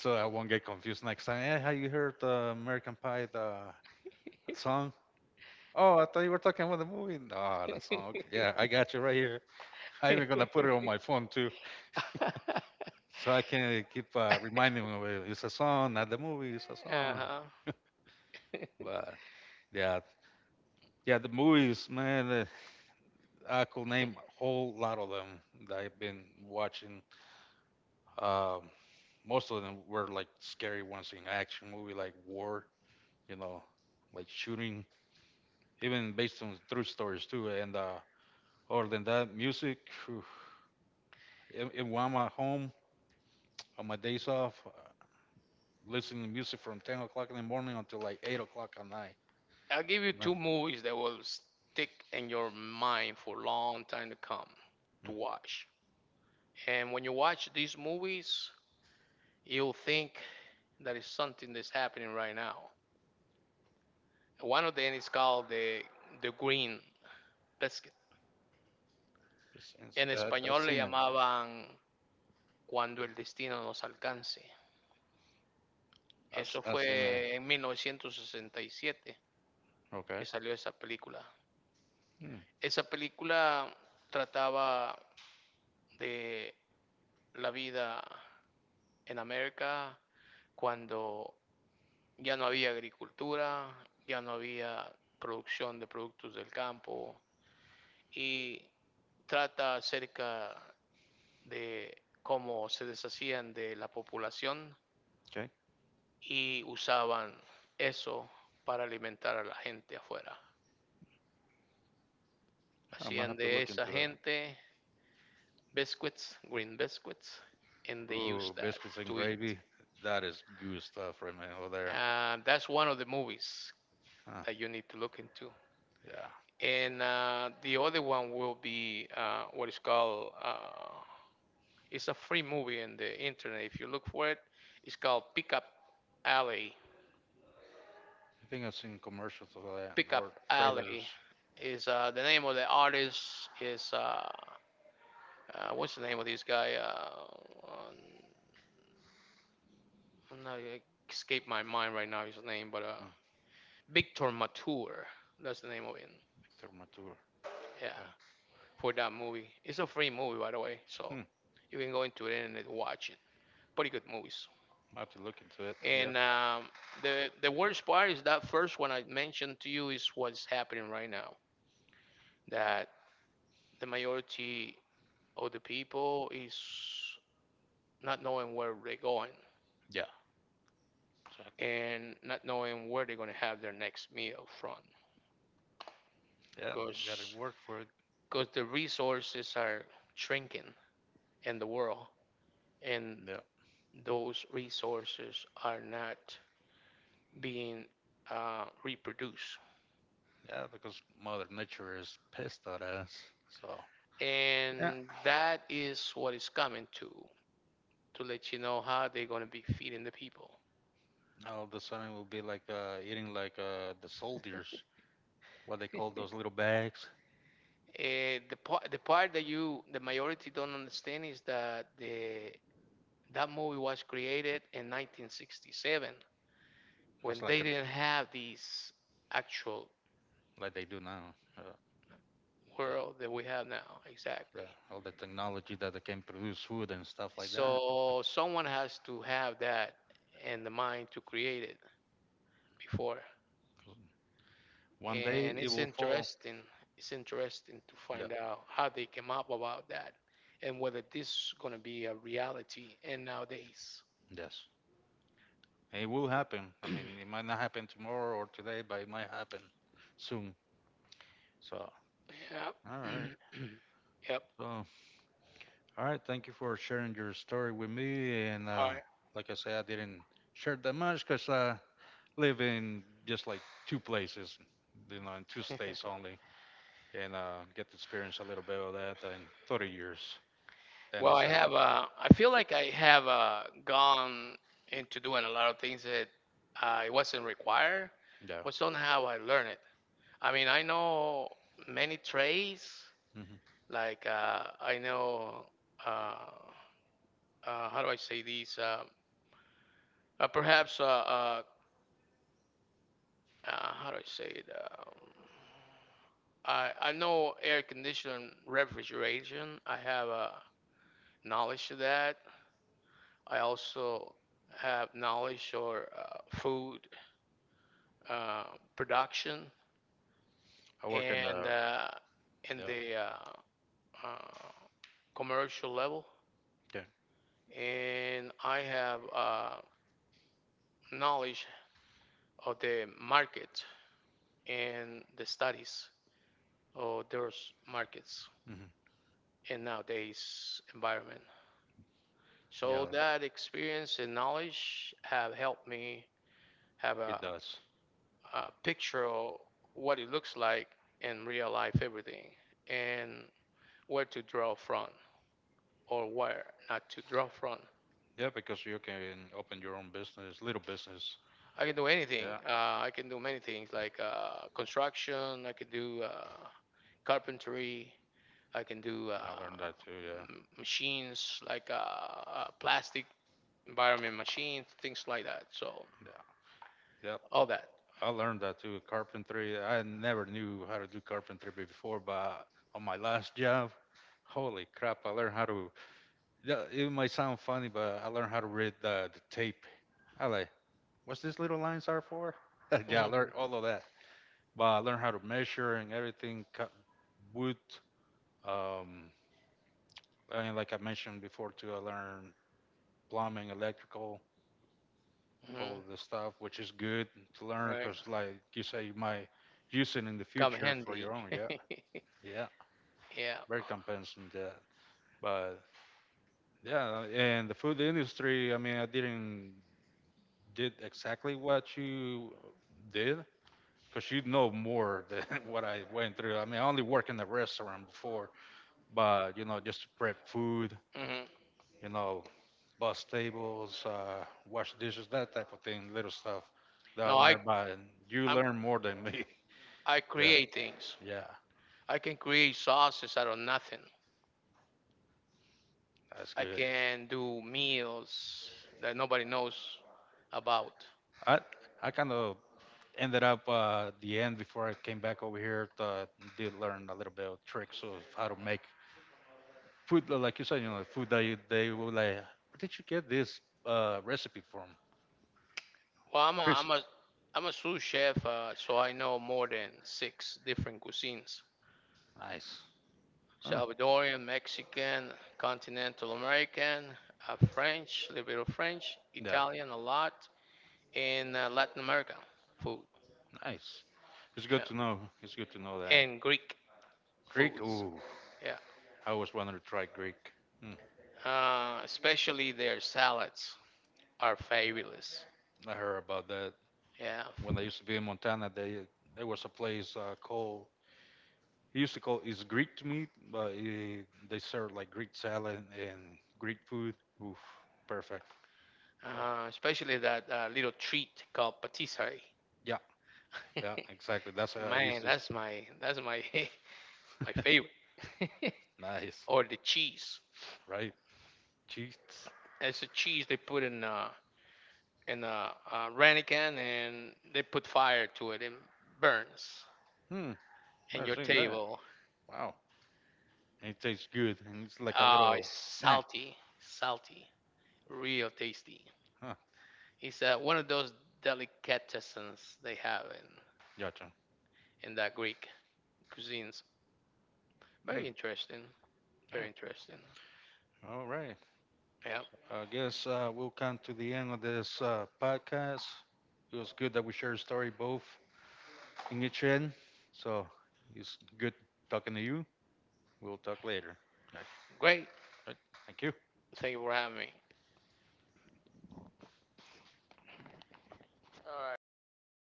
B: so I won't get confused next time. Hey, have you heard the American Pie the song? Oh, I thought you were talking about the movie. No, the song. Okay. Yeah, I
A: (laughs)
B: got you right here. I'm even gonna put it on my phone too, so I can keep reminding me. "Well, it's a song, not the movie. It's a
A: Uh
B: song.
A: huh. (laughs)
B: But yeah, yeah, the movies, man. I could name a whole lot of them that I've been watching. Um, Most of them were like scary ones in action movie, like war, you know, like shooting, even based on true stories too. And other than that, music. phew, and when I'm at home on my days off, listening to music from 10 o'clock in the morning until like 8 o'clock at night.
A: I'll give you
B: And then,
A: two movies that will stick in your mind for a long time to come to
B: mm,
A: watch. And when you watch these movies, you'll think that is something that's happening right now. One of them is called the Green Biscuit. En
B: I've
A: español le
B: seen them.
A: llamaban Cuando el destino nos alcance.
B: I've,
A: Eso
B: I've seen it.
A: fue en 1967 que
B: Okay.
A: salió esa película.
B: Hmm,
A: Esa película trataba de la vida en América cuando ya no había agricultura, ya no había producción de productos del campo y trata acerca de cómo se deshacían de la población
B: okay.
A: y usaban eso para alimentar a la gente afuera.
B: I might
A: Hacían
B: have to
A: de
B: look
A: esa
B: into that.
A: gente biscuits, green biscuits, and they used
B: Ooh,
A: that
B: biscuits and
A: to eat.
B: gravy. That is good stuff right now over there.
A: That's one of the movies
B: Huh,
A: that you need to look into.
B: yeah.
A: And the other one will be what is called it's a free movie in the internet if you look for it. It's called Pickup Alley.
B: I think I've seen commercials of that
A: Pickup
B: or trailers.
A: Alley is, the name of the artist is what's the name of this guy, um, I'm not, it escaped my mind right now his name, but
B: Hmm,
A: Victor Mature, that's the name of it.
B: Victor Mature.
A: Yeah,
B: Yeah.
A: for that movie, it's a free movie by the way, so
B: Hmm.
A: you can go into it and watch it. Pretty good movies.
B: I have to look into it. Yep.
A: And the worst part is that first one I mentioned to you is what's happening right now. That the majority of the people is not knowing where they're going
B: Yeah. So,
A: and not knowing where they're going to have their next meal from,
B: yeah. Got to
A: because
B: work for it.
A: the resources are shrinking in the world, and
B: Yeah.
A: those resources are not being reproduced,
B: Yeah, because Mother Nature is pissed at us. So yeah.
A: and that is what is coming to. To let you know how they're going to be feeding the people.
B: Now all of a sudden it will be like eating like the soldiers, what they call those little bags.
A: The part that you the majority don't understand is that the that movie was created in 1967
B: That's
A: when
B: like
A: they
B: a,
A: didn't have this actual
B: like they do now. Yeah.
A: world that we have now
B: Yeah,
A: exactly.
B: all the technology that they can produce food and stuff like that.
A: So someone has to have that in the mind to create it before.
B: One day
A: And
B: it
A: it's
B: will fall.
A: interesting, it's interesting to
B: Yeah,
A: find out how they came up about that and whether this is going to be a reality in nowadays.
B: yes. And it will happen. I
A: (clears throat)
B: mean, it might not happen tomorrow or today, but it might happen soon. So,
A: Yep.
B: all right.
A: (clears throat) Yep,
B: So, all right. Thank you for sharing your story with me. And
A: all right.
B: like I said, I didn't share that much because I live in just like two places, you know, in two states only, and get to experience a little bit of that in 30 years.
A: (laughs)
B: Then
A: Well, I
B: decided
A: have
B: to come
A: I feel like I have gone into doing a lot of things that it wasn't required but
B: back.
A: somehow I learned it. I mean I know many trades
B: Yeah. Mm-hmm.
A: like I know uh how do I say these? Perhaps, uh, how do I say it? I know air conditioning refrigeration. I have knowledge to that. I also have knowledge or food uh, production
B: I work in
A: and
B: the
A: uh, and
B: yeah
A: the uh, commercial level.
B: yeah
A: And I have knowledge of the market and the studies of those markets
B: hmm
A: in nowadays environment. So
B: yeah
A: that experience and knowledge have helped me have
B: it does
A: a picture of what it looks like in real life everything and where to draw from or where not to draw from.
B: yeah because you can open your own business little business
A: I can do anything.
B: yeah
A: I can do many things like construction. I can do carpentry. I can do
B: I learned that too yeah
A: machines like plastic environment machines, things like that. So
B: yeah yep
A: all that.
B: I learned that too carpentry I never knew how to do carpentry before but on my last job holy crap I learned how to yeah it might sound funny but I learned how to read the tape I like what's this little lines are for (laughs) yeah I learned
A: Mhm.
B: all of but I learned how to measure and everything. Cut wood. Um, I mean, like I mentioned before, too, I learned plumbing, electrical, all
A: Mhm.
B: of the stuff, which is good to learn
A: Right.
B: because, like you say, you might use it in the
A: Come
B: future for
A: handy.
B: your own. Yeah,
A: (laughs)
B: yeah,
A: Yeah.
B: very compensating that. But yeah, and the food industry. I mean, I didn't did exactly what you did because you know more (laughs) than what I went through. I mean, I only worked in a restaurant before but you know just to prep food
A: Mhm.
B: you know bus tables wash dishes that type of thing little stuff that I
A: No,
B: learned by and you
A: I'm
B: learn more than me
A: I
B: (laughs) yeah
A: create things.
B: yeah
A: I can create sauces out of nothing.
B: that's
A: I
B: good
A: can do meals that nobody knows about.
B: i i kind of ended up the end before I came back over here did learn a little bit of tricks of how to make food like you said you know food that you, they were like where did you get this recipe from
A: Well,
B: chris
A: I'm a sous chef, so I know more than six different cuisines:
B: nice huh.
A: Salvadorian, Mexican, continental American, French, a little bit of French,
B: Yeah.
A: Italian, a lot, in Latin America food,
B: Nice. It's good
A: yeah,
B: to know. It's good to know that.
A: and Greek
B: Greek?
A: foods.
B: Ooh.
A: Yeah,
B: I always wanted to try Greek. Mm,
A: especially their salads are fabulous.
B: I heard about that.
A: Yeah,
B: When I used to be in Montana, they there was a place called he used to call it's Greek to me, but it, they serve like Greek salad and Greek food. Oof, perfect. Yeah,
A: especially that little treat called patisserie.
B: yeah, yeah,
A: (laughs)
B: exactly. That's how I used
A: Man,
B: to.
A: that's my (laughs) my favorite.
B: (laughs)
A: (laughs)
B: Nice,
A: Or the cheese.
B: right? Cheats.
A: It's a cheese they put in a ramekin and they put fire to it and burns.
B: Hmm.
A: And
B: Never
A: your
B: seen that.
A: table,
B: Wow. And it tastes good, and it's like a
A: it's
B: little snack.
A: salty, salty. Real tasty.
B: Huh.
A: It's one of those delicatessens they have
B: Gotcha.
A: in that Greek cuisines. Very
B: Hmm.
A: interesting. Very
B: Damn.
A: interesting.
B: All right.
A: Yeah.
B: I guess we'll come to the end of this podcast. It was good that we shared a story both in each end. So it's good talking to you. We'll talk later. Right.
A: Great.
B: Right. Thank you.
A: Thank you for having me. All right.